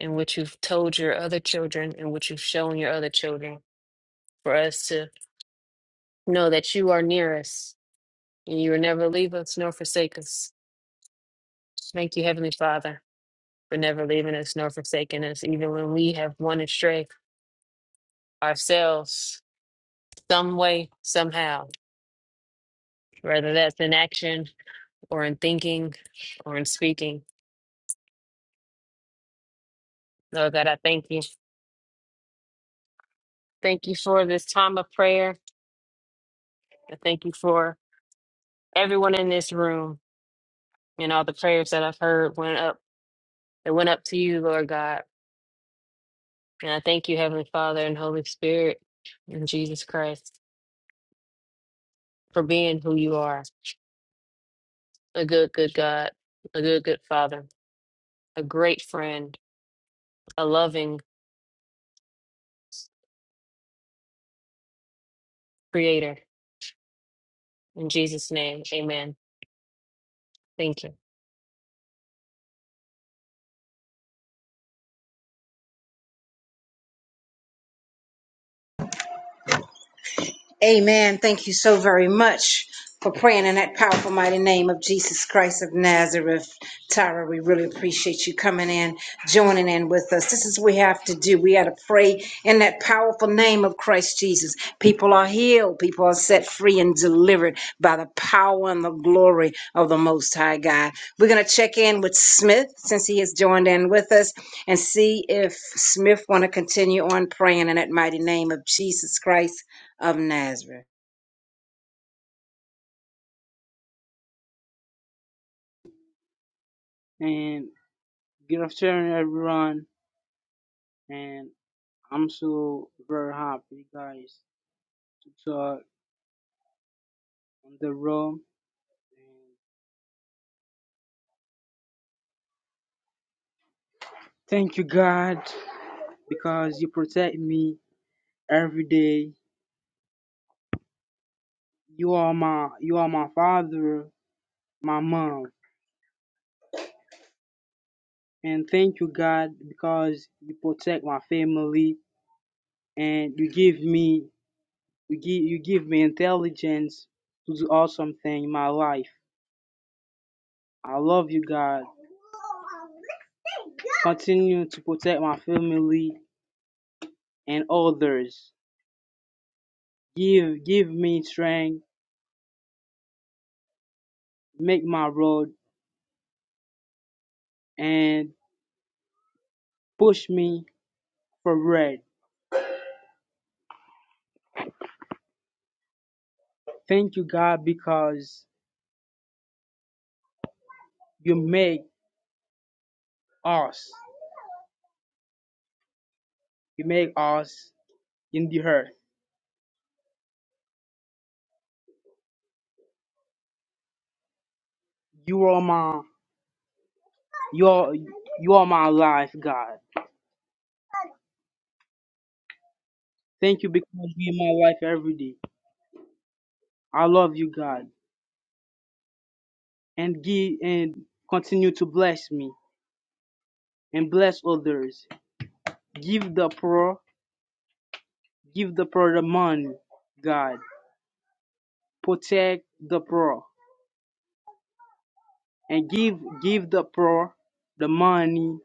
and what you've told your other children, and what you've shown your other children for us to Know that you are near us, and you will never leave us nor forsake us. Thank you, Heavenly Father, for never leaving us nor forsaking us, even when we have wandered astray ourselves, some way, somehow, whether that's in action or in thinking or in speaking. Lord God, I thank you. Thank you for this time of prayer. I thank you for everyone in this room and all the prayers that I've heard went up. It went up to you, Lord God. And I thank you, Heavenly Father and Holy Spirit, in Jesus Christ. for being who you are a good, good God, a good, good Father, a great friend, a loving creator. In Jesus' name, amen. Thank you.
Amen. Thank you so very much for praying in that powerful, mighty name of Jesus Christ of Nazareth. Tyra, we really appreciate you coming in, joining in with us. This is what we have to do. We got to pray in that powerful name of Christ Jesus. People are healed, people are set free and delivered by the power and the glory of the Most High God. We're going to check in with Smith since he has joined in with us and see if Smith want to continue on praying in that mighty name of Jesus Christ of Nazareth.
and good afternoon everyone and i'm so very happy guys to talk on the room and thank you god because you protect me every day you are my you are my father my mom and thank you god because you protect my family and you give me you give you give me intelligence to do awesome thing in my life i love you god continue to protect my family and others. Give give me strength, make my road and push me forward. Thank you God because you make us. You make us in the earth. You are my you are you are my life, God. Thank you because you are my life every day. I love you, God. And give and continue to bless me and bless others. Give the poor, give the poor the money, God protect the poor. and give give the poor the money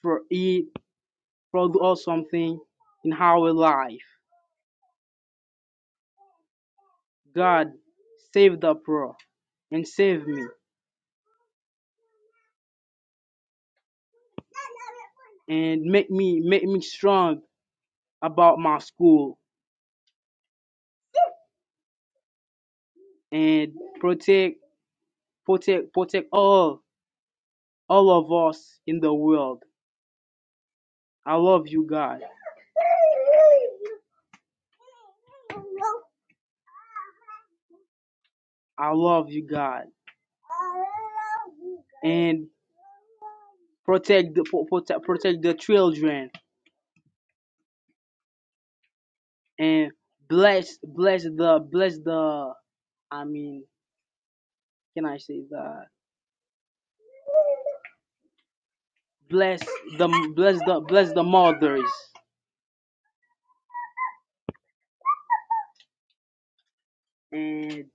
for it produce something in our life. God save the poor and save me and make me make me strong about my school and protect protect protect all all of us in the world. I love you God. I love you God. And protect the pro- protect, protect the children and bless bless the bless the I mean, can I say that? Bless the bless the bless the mothers and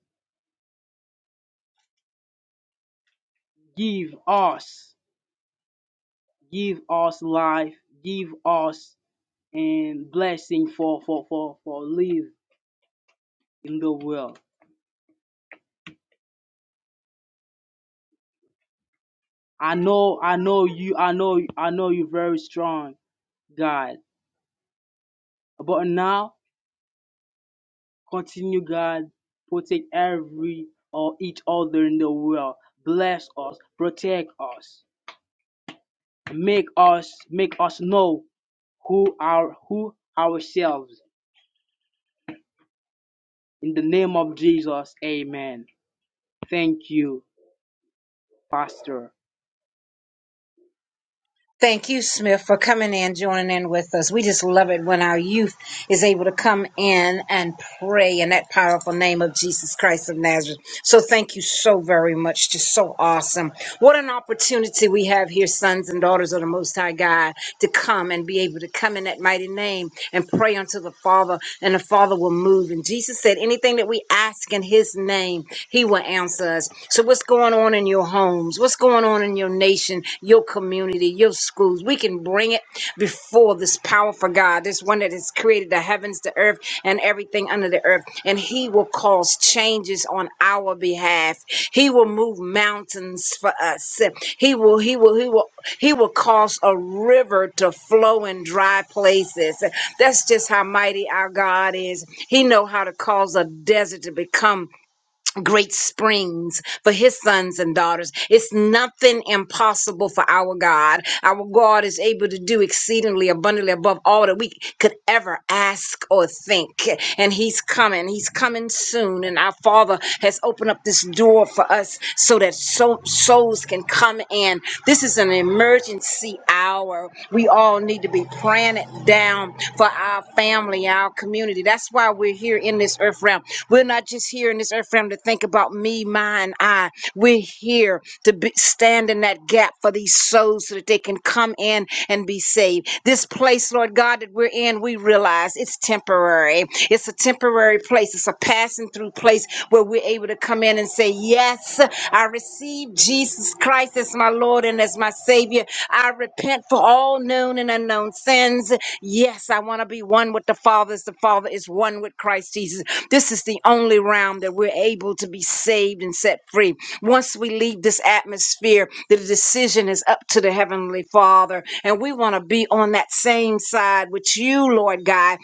give us give us life, give us and blessing for for for for live in the world. I know I know you I know I know you very strong, God. But now continue, God, protect every or each other in the world. Bless us, protect us, make us make us know who are who ourselves in the name of Jesus. Amen. Thank you, Pastor.
Thank you, Smith, for coming in, joining in with us. We just love it when our youth is able to come in and pray in that powerful name of Jesus Christ of Nazareth. So thank you so very much. Just so awesome. What an opportunity we have here, sons and daughters of the Most High God, to come and be able to come in that mighty name and pray unto the Father, and the Father will move. And Jesus said, anything that we ask in His name, He will answer us. So what's going on in your home? your homes, what's going on in your nation, your community, your schools. We can bring it before this powerful God, this one that has created the heavens, the earth, and everything under the earth. And He will cause changes on our behalf. He will move mountains for us. He will, He will, He will, He will cause a river to flow in dry places. That's just how mighty our God is. He know how to cause a desert to become great springs for his sons and daughters. It's nothing impossible for our God. Our God is able to do exceedingly abundantly above all that we could ever ask or think. And he's coming. He's coming soon. And our Father has opened up this door for us so that so- souls can come in. This is an emergency hour. We all need to be praying planet down for our family, our community. That's why we're here in this earth realm. We're not just here in this earth realm to think about me, mine, I. We're here to be, stand in that gap for these souls so that they can come in and be saved. This place, Lord God, that we're in, we realize it's temporary. It's a temporary place. It's a passing through place where we're able to come in and say, Yes, I receive Jesus Christ as my Lord and as my Savior. I repent for all known and unknown sins. Yes, I want to be one with the Father as the Father is one with Christ Jesus. This is the only realm that we're able to be saved and set free. Once we leave this atmosphere, the decision is up to the Heavenly Father. And we want to be on that same side with you, Lord God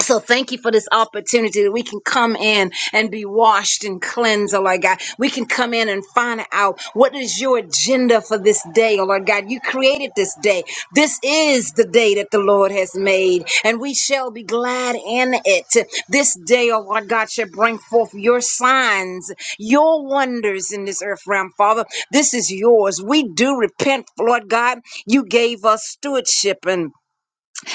so thank you for this opportunity that we can come in and be washed and cleansed, oh Lord God. We can come in and find out what is your agenda for this day, oh Lord God. You created this day. This is the day that the Lord has made, and we shall be glad in it. This day, oh Lord God, shall bring forth your signs, your wonders in this earth realm, Father. This is yours. We do repent, Lord God. You gave us stewardship and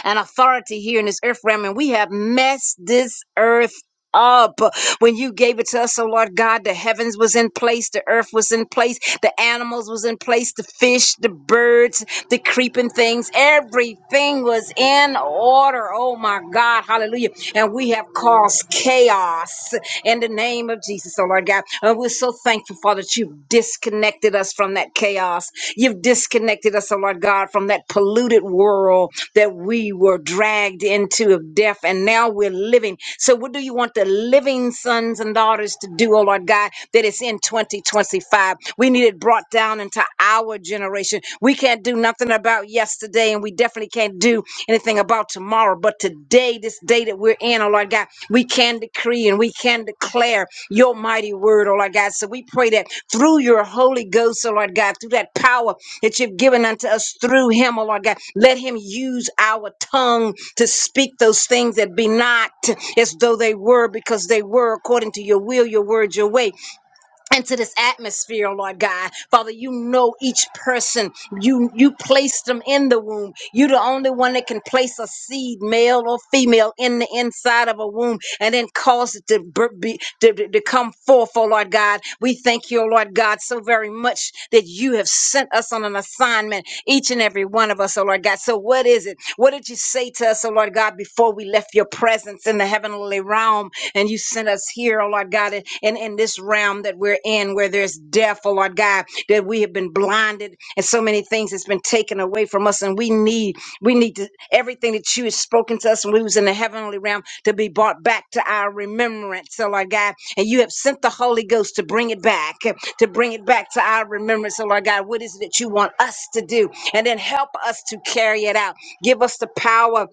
and authority here in this earth realm, and we have messed this earth up when you gave it to us, oh Lord God, the heavens was in place, the earth was in place, the animals was in place, the fish, the birds, the creeping things, everything was in order. Oh my God, hallelujah. And we have caused chaos in the name of Jesus, oh Lord God. And we're so thankful, Father, that you've disconnected disconnected us from that chaos. You've disconnected us, oh Lord God, from that polluted world that we were dragged into of death, and now we're living. So, what do you want the living sons and daughters to do, oh Lord God, that is in 2025? We need it brought down into our generation. We can't do nothing about yesterday, and we definitely can't do anything about tomorrow, but today, this day that we're in, oh Lord God, we can decree and we can declare your mighty word, oh Lord God. So we pray that through your Holy Ghost, oh Lord God, through that power that you've given unto us through him, oh Lord God, let him use our tongue to speak those things that be not as though they were, because they were according to your will, your word, your way into this atmosphere, Lord God. Father, you know each person. You you placed them in the womb. You're the only one that can place a seed, male or female, in the inside of a womb and then cause it to br- be to, to, to come forth, oh Lord God. We thank you, oh Lord God, so very much that you have sent us on an assignment, each and every one of us, oh Lord God. So what is it? What did you say to us, oh Lord God, before we left your presence in the heavenly realm? and you sent us here, oh Lord God, and in, in this realm that we're in where there's death, oh Lord God, that we have been blinded and so many things has been taken away from us, and we need we need to, everything that you have spoken to us when we was in the heavenly realm to be brought back to our remembrance, oh Lord God, and you have sent the Holy Ghost to bring it back, to bring it back to our remembrance, oh Lord God. What is it that you want us to do? And then help us to carry it out. Give us the power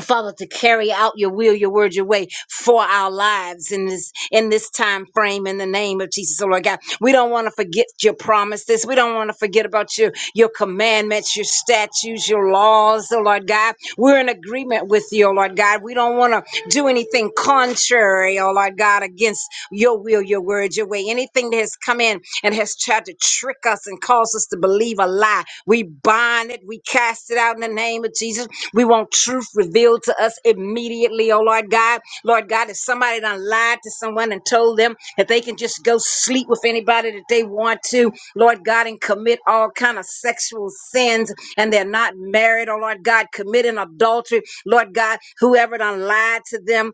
Father, to carry out your will, your word, your way for our lives in this in this time frame in the name of Jesus, oh Lord God. We don't want to forget your promises. We don't want to forget about your your commandments, your statutes, your laws, oh Lord God. We're in agreement with you, oh Lord God. We don't want to do anything contrary, oh Lord God, against your will, your word, your way. Anything that has come in and has tried to trick us and cause us to believe a lie. We bind it, we cast it out in the name of Jesus. We want truth revealed to us immediately, oh Lord God. Lord God, if somebody done lied to someone and told them that they can just go sleep with anybody that they want to, Lord God, and commit all kind of sexual sins and they're not married, oh Lord God, committing adultery, Lord God, whoever done lied to them,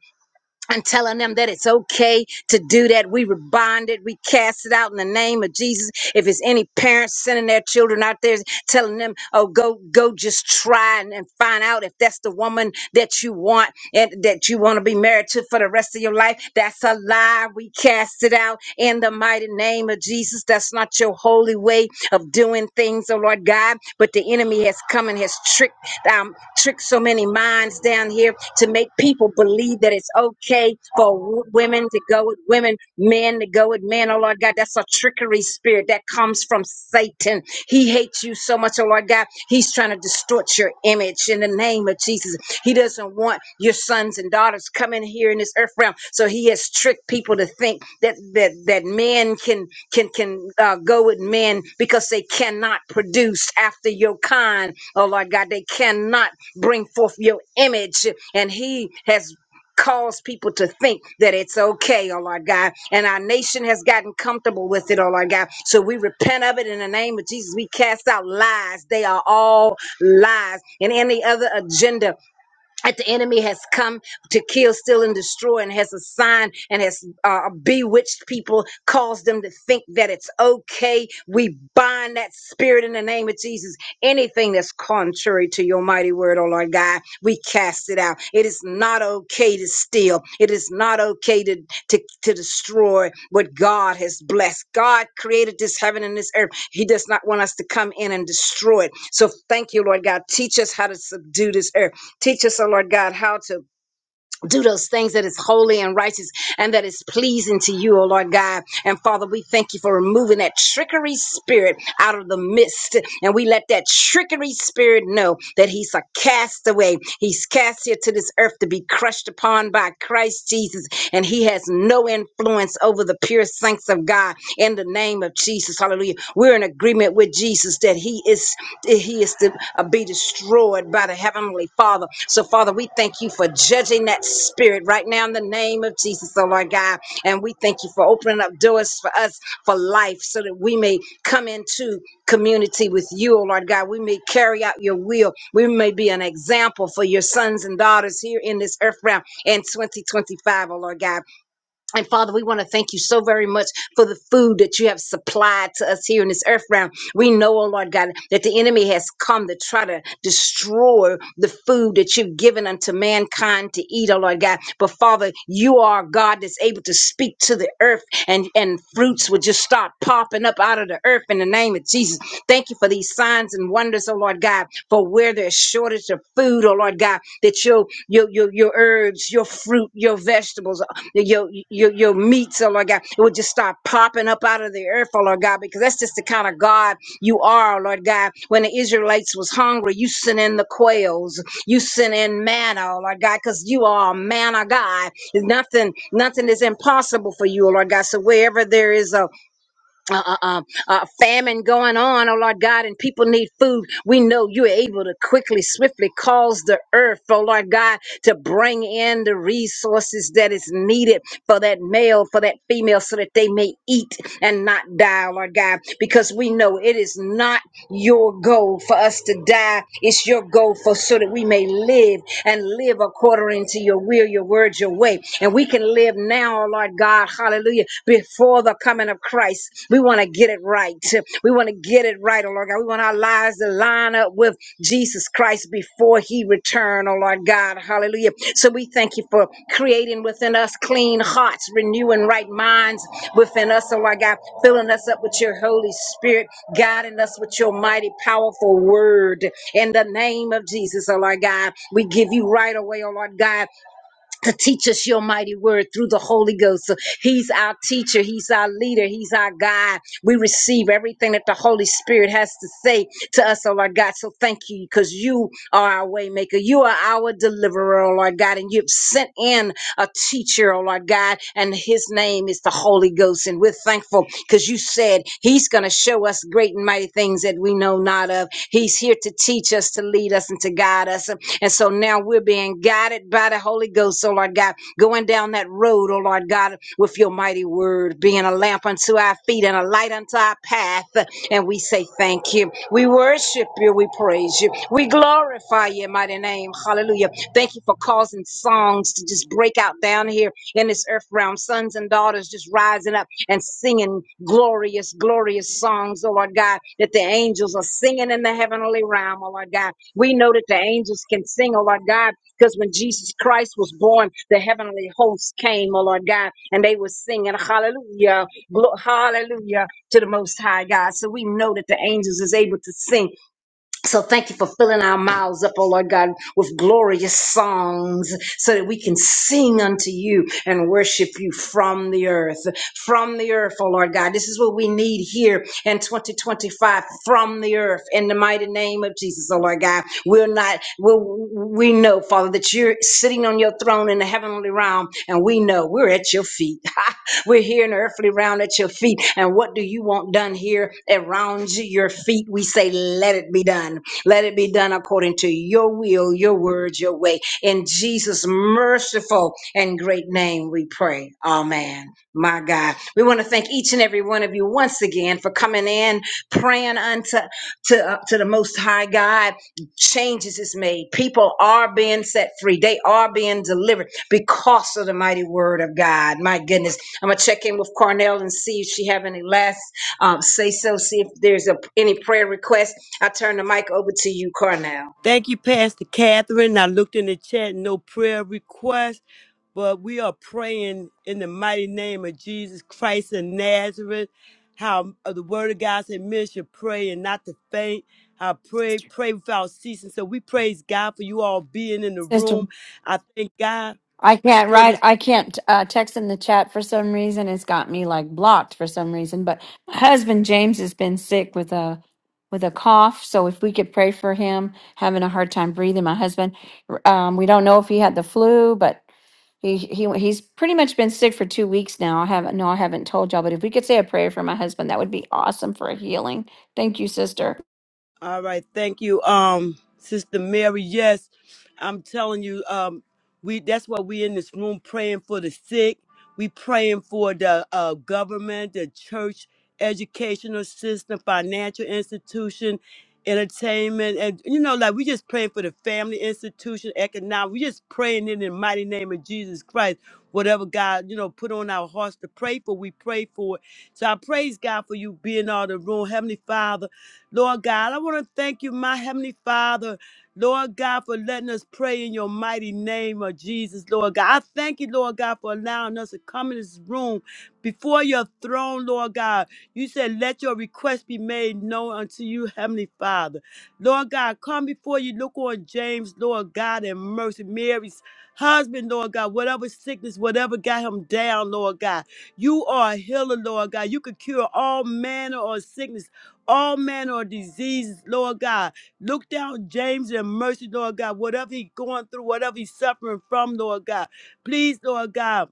and telling them that it's okay to do that. We rebind it. We cast it out in the name of Jesus. If it's any parents sending their children out there, telling them, "Oh, go, go, just try and, and find out if that's the woman that you want and that you want to be married to for the rest of your life," that's a lie. We cast it out in the mighty name of Jesus. That's not your holy way of doing things, oh Lord God. But the enemy has come and has tricked them trick so many minds down here to make people believe that it's okay for w- women to go with women, men to go with men. Oh Lord God, that's a trickery spirit that comes from Satan. He hates you so much, oh Lord God. He's trying to distort your image in the name of Jesus. He doesn't want your sons and daughters coming here in this earth realm. So he has tricked people to think that that that men can can can uh, go with men because they cannot produce after your kind. Oh Lord God, they cannot bring forth your image, and he has caused people to think that it's okay, oh Lord God. And our nation has gotten comfortable with it, oh Lord God. So we repent of it in the name of Jesus. We cast out lies. They are all lies. And any other agenda that the enemy has come to kill, steal, and destroy, and has assigned and has uh, bewitched people, caused them to think that it's okay. We bind that spirit in the name of Jesus. Anything that's contrary to your mighty word, oh Lord God, we cast it out. It is not okay to steal. It is not okay to, to, to destroy what God has blessed. God created this heaven and this earth. He does not want us to come in and destroy it. So thank you, Lord God. Teach us how to subdue this earth. Teach us, O Lord God, how to do those things that is holy and righteous and that is pleasing to you, O Lord God. And Father, we thank you for removing that trickery spirit out of the midst. And we let that trickery spirit know that he's a castaway. He's cast here to this earth to be crushed upon by Christ Jesus. And he has no influence over the pure saints of God in the name of Jesus. Hallelujah. We're in agreement with Jesus Jesus that he is he is to uh, be destroyed by the heavenly Father. So Father, we thank you for judging that spirit right now in the name of Jesus, oh Lord God, and we thank you for opening up doors for us for life so that we may come into community with you, oh Lord God. We may carry out your will. We may be an example for your sons and daughters here in this earth realm in 2025, O Lord God. And Father, we want to thank you so very much for the food that you have supplied to us here in this earth realm. We know, oh Lord God, that the enemy has come to try to destroy the food that you've given unto mankind to eat, oh Lord God. But Father, you are a God that's able to speak to the earth and, and fruits would just start popping up out of the earth in the name of Jesus. Thank you for these signs and wonders, oh Lord God, for where there's shortage of food, oh Lord God, that your your your, your herbs, your fruit, your vegetables, your your your meats, oh Lord God, it will just start popping up out of the earth, oh Lord God, because that's just the kind of God you are, oh Lord God. When the Israelites was hungry, you sent in the quails, you sent in manna, oh Lord God, because you are a manna God. There's nothing nothing is impossible for you, oh Lord God. So wherever there is a a, a, a a famine going on, oh Lord God, and people need food, we know you're able to quickly, swiftly cause the earth, oh Lord God, to bring in the resources that is needed for that male, for that female, so that they may eat and not die, Lord God, because we know it is not your goal for us to die. It's your goal for so that we may live and live according to your will, your word, your way. And we can live now, Lord God, hallelujah, before the coming of Christ. We want to get it right. We want to get it right Lord God. We want our lives to line up with Jesus Christ before he return, oh Lord God. Hallelujah. So we thank you for creating within us clean hearts, renewing right minds within us, oh Lord God, filling us up with your Holy Spirit, guiding us with your mighty, powerful word. In the name of Jesus, oh Lord God, we give you right away, oh Lord God to teach us your mighty word through the Holy Ghost. So He's our teacher, He's our leader, He's our guide. We receive everything that the Holy Spirit has to say to us, oh Lord God. So thank you because you are our waymaker. You are our deliverer, oh Lord God, and you've sent in a teacher, oh Lord God, and his name is the Holy Ghost. And we're thankful because you said he's going to show us great and mighty things that we know not of. He's here to teach us, to lead us, and to guide us. And so now we're being guided by the Holy Ghost, oh Lord God, going down that road, oh Lord God, with your mighty word, being a lamp unto our feet and a light unto our path. And we say thank you. We worship you. We praise you. We glorify your mighty name. Hallelujah. Thank you for causing songs to just break out down here in this earth realm. Sons and daughters just rising up and singing glorious, glorious songs, oh Lord God, that the angels are singing in the heavenly realm, oh Lord God. We know that the angels can sing, oh Lord God, because when Jesus Christ was born, the heavenly hosts came, oh Lord God, and they were singing hallelujah, glo- hallelujah to the Most High God. So we know that the angels is able to sing so thank you for filling our mouths up, oh Lord God, with glorious songs so that we can sing unto you and worship you from the earth. From the earth, oh Lord God. This is what we need here in 2025 from the earth in the mighty name name of Jesus, oh Lord God. We're not, we we know, Father, that you're sitting on your throne in the heavenly realm, and we know we're at your feet. we're here in the earthly realm at your feet. And what do you want done here around your feet? We say, let it be done. Let it be done according to your will, your words, your way. In Jesus' merciful and great name we pray. Amen. My God. We want to thank each and every one of you once again for coming in, praying unto to, uh, to the Most High God, changes is made. People are being set free. They are being delivered because of the mighty word of God. My goodness. I'm going to check in with Carnell and see if she have any last um, say so, see if there's a, any prayer request. I turn the mic over to you, Carnell.
Thank you, Pastor Catherine. I looked in the chat, no prayer request, but we are praying in the mighty name of Jesus Christ of Nazareth. How uh, the word of God said, men should pray and not to faint. I pray, pray without ceasing. So we praise God for you all being in the
Sister
room. I thank God.
I can't
for
write.
this.
I can't uh, text in the chat for some reason. It's got me like blocked for some reason. But my husband James has been sick with a with a cough. So if we could pray for him, having a hard time breathing. My husband, um, we don't know if he had the flu, but he he he's pretty much been sick for two weeks now. I haven't no, I haven't told y'all. But if we could say a prayer for my husband, that would be awesome for a healing. Thank you, sister.
All right, thank you, um, Sister Mary. Yes, I'm telling you, um, we that's why we in this room praying for the sick. We praying for the uh, government, the church, educational system, financial institution, entertainment, and you know, like we just praying for the family institution, economic. We just praying in the mighty name of Jesus Christ. Whatever God, you know, put on our hearts to pray for, we pray for it. So I praise God for you being all the room, Heavenly Father. Lord God, I want to thank you, my Heavenly Father, Lord God, for letting us pray in your mighty name of Jesus, Lord God. I thank you, Lord God, for allowing us to come in this room before your throne, Lord God. You said, let your request be made known unto you, Heavenly Father. Lord God, come before you. Look on James, Lord God, and mercy. Mary's husband, Lord God, whatever sickness, whatever got him down, Lord God. You are a healer, Lord God. You can cure all manner of sickness all manner of diseases, Lord God. Look down James and mercy, Lord God. Whatever he's going through, whatever he's suffering from, Lord God. Please, Lord God.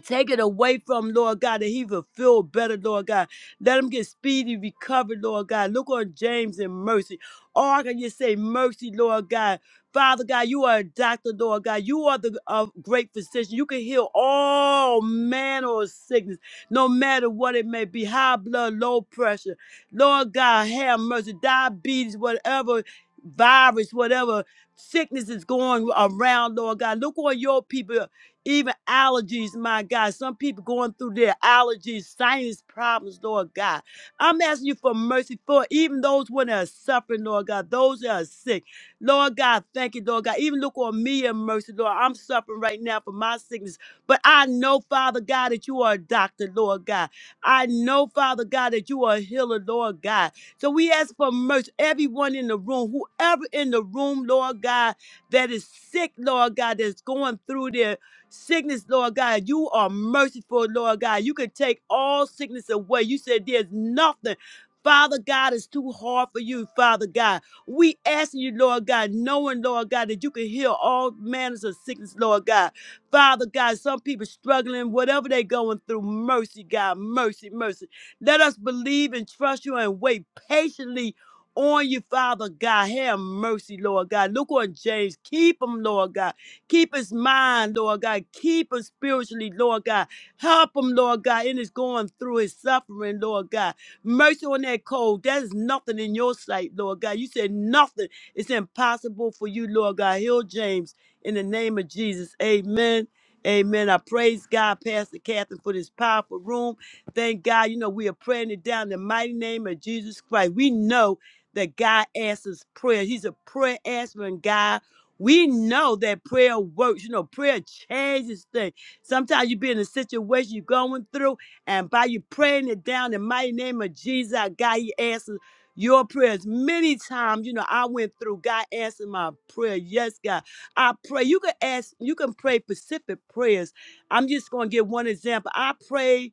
Take it away from him, Lord God that he will feel better, Lord God. Let him get speedy recovered, Lord God. Look on James and mercy. Oh, I can just say mercy, Lord God. Father God, you are a doctor, Lord God. You are the uh, great physician. You can heal all manner of sickness, no matter what it may be high blood, low pressure. Lord God, have mercy. Diabetes, whatever virus, whatever sickness is going around, Lord God. Look on your people even allergies, my God. Some people going through their allergies, sinus problems, Lord God. I'm asking you for mercy for even those when are suffering, Lord God, those that are sick. Lord God, thank you, Lord God. Even look on me in mercy, Lord. I'm suffering right now for my sickness. But I know, Father God, that you are a doctor, Lord God. I know, Father God, that you are a healer, Lord God. So we ask for mercy, everyone in the room, whoever in the room, Lord God, that is sick, Lord God, that's going through their Sickness, Lord God, you are merciful, Lord God. You can take all sickness away. You said there's nothing. Father God, is too hard for you, Father God. We asking you, Lord God, knowing, Lord God, that you can heal all manners of sickness, Lord God. Father God, some people struggling, whatever they going through, mercy, God, mercy, mercy. Let us believe and trust you and wait patiently on you, Father God. Have mercy, Lord God. Look on James. Keep him, Lord God. Keep his mind, Lord God. Keep him spiritually, Lord God. Help him, Lord God, in his going through his suffering, Lord God. Mercy on that cold. That is nothing in your sight, Lord God. You said nothing. It's impossible for you, Lord God. Heal James in the name of Jesus. Amen. Amen. I praise God, Pastor Catherine, for this powerful room. Thank God. You know, we are praying it down in the mighty name of Jesus Christ. We know that God answers prayer. He's a prayer answering God we know that prayer works. You know, prayer changes things. Sometimes you be in a situation you're going through, and by you praying it down in the mighty name of Jesus, our God, He answers your prayers. Many times, you know, I went through, God answered my prayer. Yes, God. I pray. You can ask, you can pray specific prayers. I'm just going to give one example. I pray.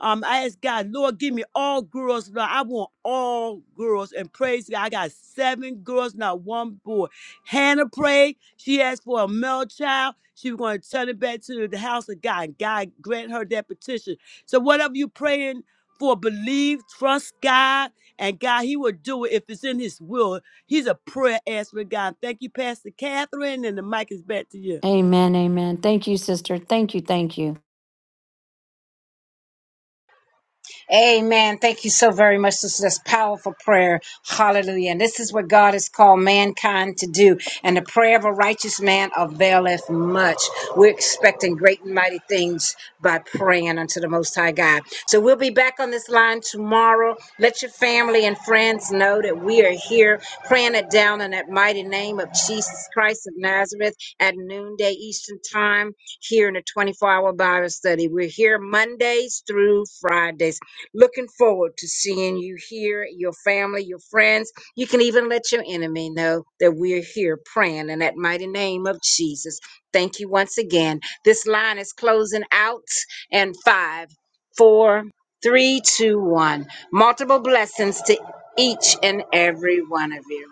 Um, I ask God, Lord, give me all girls. Lord, I want all girls. And praise God, I got seven girls, not one boy. Hannah prayed. She asked for a male child. She was going to turn it back to the house of God. And God grant her that petition. So whatever you praying for, believe, trust God, and God, He will do it if it's in His will. He's a prayer answering God. Thank you, Pastor Catherine, and the mic is back to you.
Amen. Amen. Thank you, sister. Thank you. Thank you.
Amen. Thank you so very much. This is this powerful prayer. Hallelujah. And this is what God has called mankind to do. And the prayer of a righteous man availeth much. We're expecting great and mighty things by praying unto the Most High God. So we'll be back on this line tomorrow. Let your family and friends know that we are here praying it down in that mighty name of Jesus Christ of Nazareth at noonday Eastern Time here in the 24 hour Bible study. We're here Mondays through Fridays. Looking forward to seeing you here, your family, your friends. You can even let your enemy know that we're here praying in that mighty name of Jesus. Thank you once again. This line is closing out and five, four, three, two, one. Multiple blessings to each and every one of you.